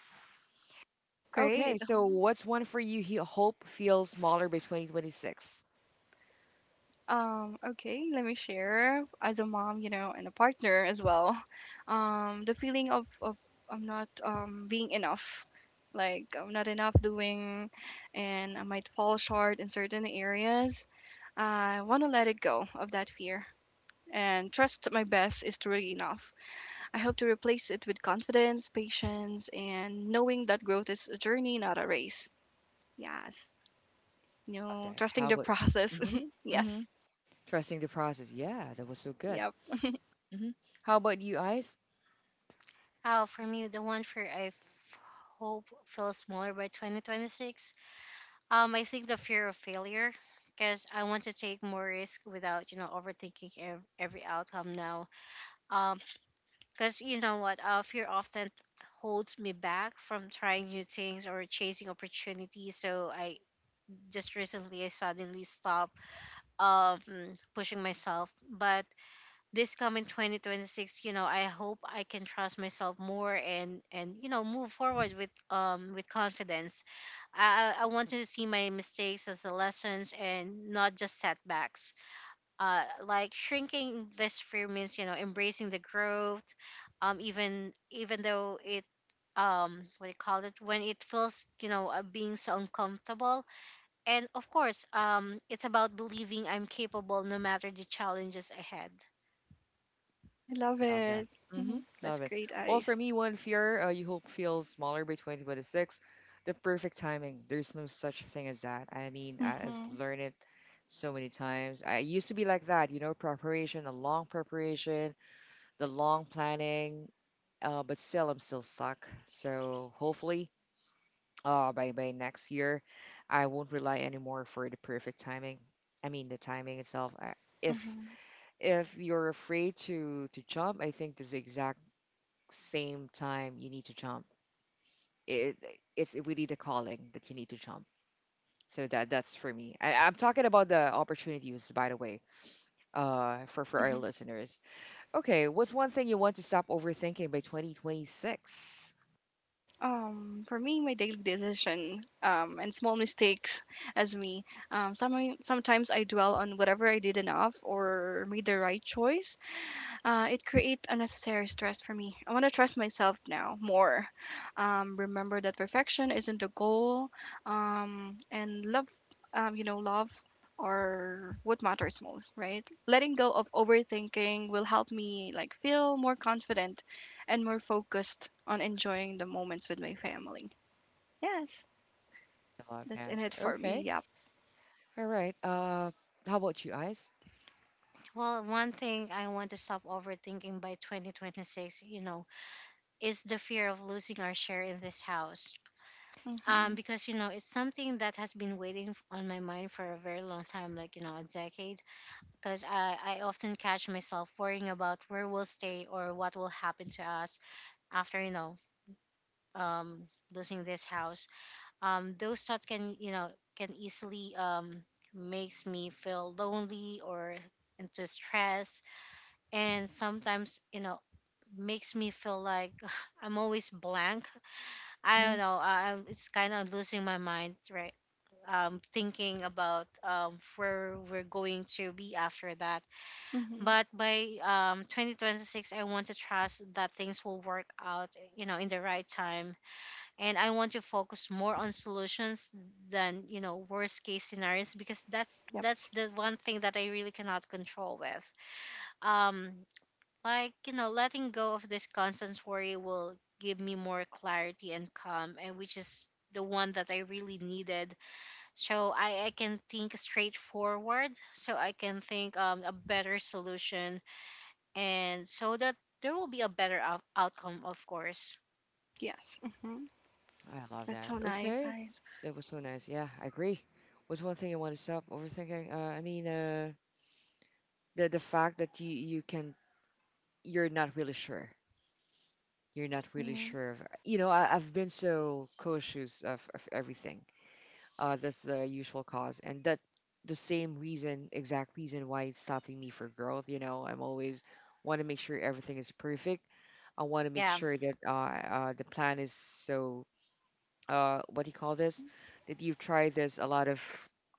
A: Okay,
B: Great.
A: so what's one for you? He hope feels smaller by 2026.
B: Okay, let me share as a mom, you know, and a partner as well. (laughs) The feeling of I'm not being enough. Like I'm not enough doing, and I might fall short in certain areas. I want to let it go of that fear and trust my best is truly enough. I hope to replace it with confidence, patience, and knowing that growth is a journey, not a race. Yes. You
A: Love
B: know,
A: that.
B: trusting
A: How
B: the
A: about?
B: process.
A: Hmm.
B: (laughs)
A: Hmm.
B: Yes.
A: Trusting the process. Yeah, that was so good.
B: Yep.
A: Hmm. How about you, Ice?
C: For me, the one fear hope feels smaller by 2026, I think the fear of failure, because I want to take more risk without, overthinking every outcome now. um Because you know what, fear often holds me back from trying new things or chasing opportunities. So I, just recently, I suddenly stopped um pushing myself. But this coming 2026, I hope I can trust myself more, and move forward with confidence. I want to see my mistakes as the lessons and not just setbacks. Like, shrinking this fear means, embracing the growth, even though it, what do you call it, when it feels, being so uncomfortable. And of course, it's about believing I'm capable no matter the challenges ahead.
B: I love
A: I love that.
B: it.
A: Hmm.
B: Hmm. That's
A: Love it.
B: great,
A: Well, for
B: Ice.
A: me, one fear you hope feels smaller by 2026. The perfect timing. There's no such thing as that. I mean, I've
B: Mm-hmm.
A: learned it so many times. I used to be like that preparation, a long preparation the long planning, but still, I'm still stuck. So hopefully, by next year, I won't rely anymore for the perfect timing. I mean, the timing itself. I, if
B: Mm-hmm.
A: if you're afraid to jump, I think this exact same time you need to jump. It it's really the calling that you need to jump. So that's for me. I'm talking about the opportunities, by the way, for our
B: Hmm.
A: listeners. Okay, what's one thing you want to stop overthinking by 2026?
B: For me, my daily decision, and small mistakes as me. Sometimes I dwell on whatever I did enough or made the right choice. It creates unnecessary stress for me. I want to trust myself now more. Remember that perfection isn't a goal. And love, you know, love or what matters most, right? Letting go of overthinking will help me like feel more confident and more focused on enjoying the moments with my family. Yes,
A: I love that.
B: that's in it for
A: Okay.
B: me. Yep.
A: All right. How about you, eyes?
C: Well, one thing I want to stop overthinking by 2026, is the fear of losing our share in this house,
B: Mm-hmm.
C: because, it's something that has been waiting on my mind for a very long time, like, a decade, because I often catch myself worrying about where we'll stay or what will happen to us after, um, losing this house. Those thoughts can, can easily, makes me feel lonely or into stress, and sometimes, makes me feel like (sighs) I'm always blank. I don't
A: Hmm.
C: know. I'm, it's kind of losing my mind, right. Thinking about, where we're going to be after that.
B: Mm-hmm.
C: But by 2026, I want to trust that things will work out, in the right time. And I want to focus more on solutions than, worst case scenarios, because that's
B: Yep.
C: that's the one thing that I really cannot control with. um like, letting go of this constant worry will give me more clarity and calm, and which is the one that I really needed. So I can think straightforward, so I can think, a better solution, and so that there will be a better outcome, of course.
B: Yes. Mm-hmm.
A: I love
B: That's
A: that.
B: so nice.
A: Okay.
B: I.
A: That was so nice. Yeah, I agree. What's one thing I want to stop overthinking? I mean, the fact that you're not really sure. You're not really
B: Mm-hmm.
A: sure of. You know, I've been so cautious of everything. That's the usual cause, and that the same reason, exact reason why it's stopping me for growth. You know, I'm always want to make sure everything is perfect. I want to make
C: Yeah.
A: sure that the plan is so what do you call this? That you've tried this a lot of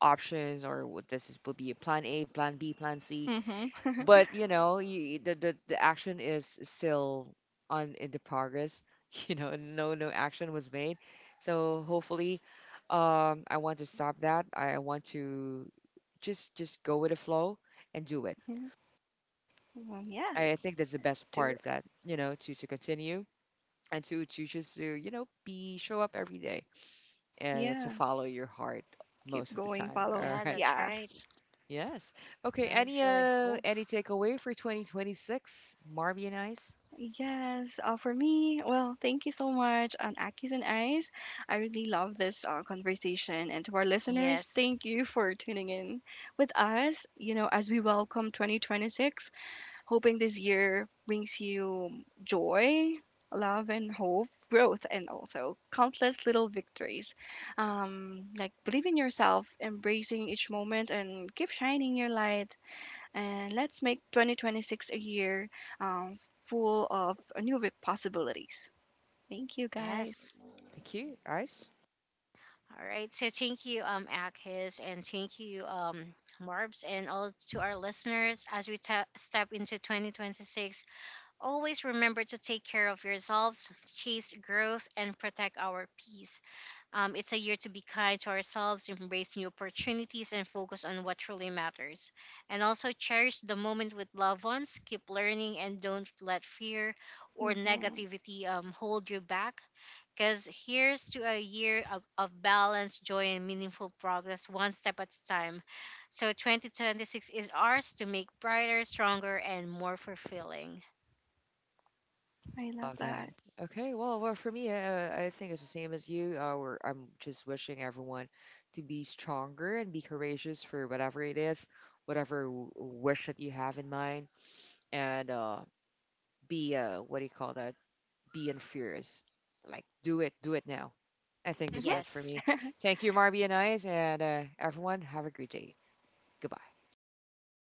A: options or what this is, will be a plan A, plan B, plan C,
B: (laughs)
A: but you know you, the action is still on in the progress (laughs) no action was made. So hopefully I want to stop that, I want to just go with the flow and do it.
B: Mm-hmm. Well, yeah,
A: I think that's the
B: let's
A: best
B: do
A: part
B: it.
A: of that, to continue and to just to, you know be show up every day and to
B: Yeah,
A: follow your heart
B: keep
A: most of the
B: going,
A: time. (laughs)
B: follow
A: All
C: Yeah,
B: her.
A: right.
C: that's
B: Yes,
C: right.
A: Yes. Okay.
C: Love,
A: Any
C: joy,
A: uh
C: hope.
A: any takeaway for 2026, Marby and I?
B: yes. For me, well, thank you so much on Akis and Eyes. I really love this conversation. And to our listeners,
C: Yes.
B: thank you for tuning in with us, you know, as we welcome 2026, hoping this year brings you joy, love, and hope. Growth and also countless little victories. Like believe in yourself, embracing each moment, and keep shining your light, and let's make 2026 a year, um, full of new possibilities. Thank you, guys.
C: Yes.
A: Thank you. Ice.
C: All right, so thank you, Akis, and thank you, Marbs, and all to our listeners. As we ta step into 2026, always remember to take care of yourselves, chase growth, and protect our peace. It's a year to be kind to ourselves, embrace new opportunities, and focus on what truly matters. And also cherish the moment with loved ones, keep learning, and don't let fear or
B: Hmm.
C: negativity, hold you back. Because here's to a year of balance, joy, and meaningful progress, one step at a time. So 2026 is ours to make brighter, stronger, and more fulfilling.
B: I love
A: Love that.
B: that.
A: Okay. Well, for me, I think it's the same as you. I'm just wishing everyone to be stronger and be courageous for whatever it is, whatever wish that you have in mind, and be what do you call that? Be furious. Like, do it. Do it now. I think that's it
B: (laughs)
A: for
C: Yes.
A: me. Thank you, Marby and Ice, and everyone. Have a great day. Goodbye.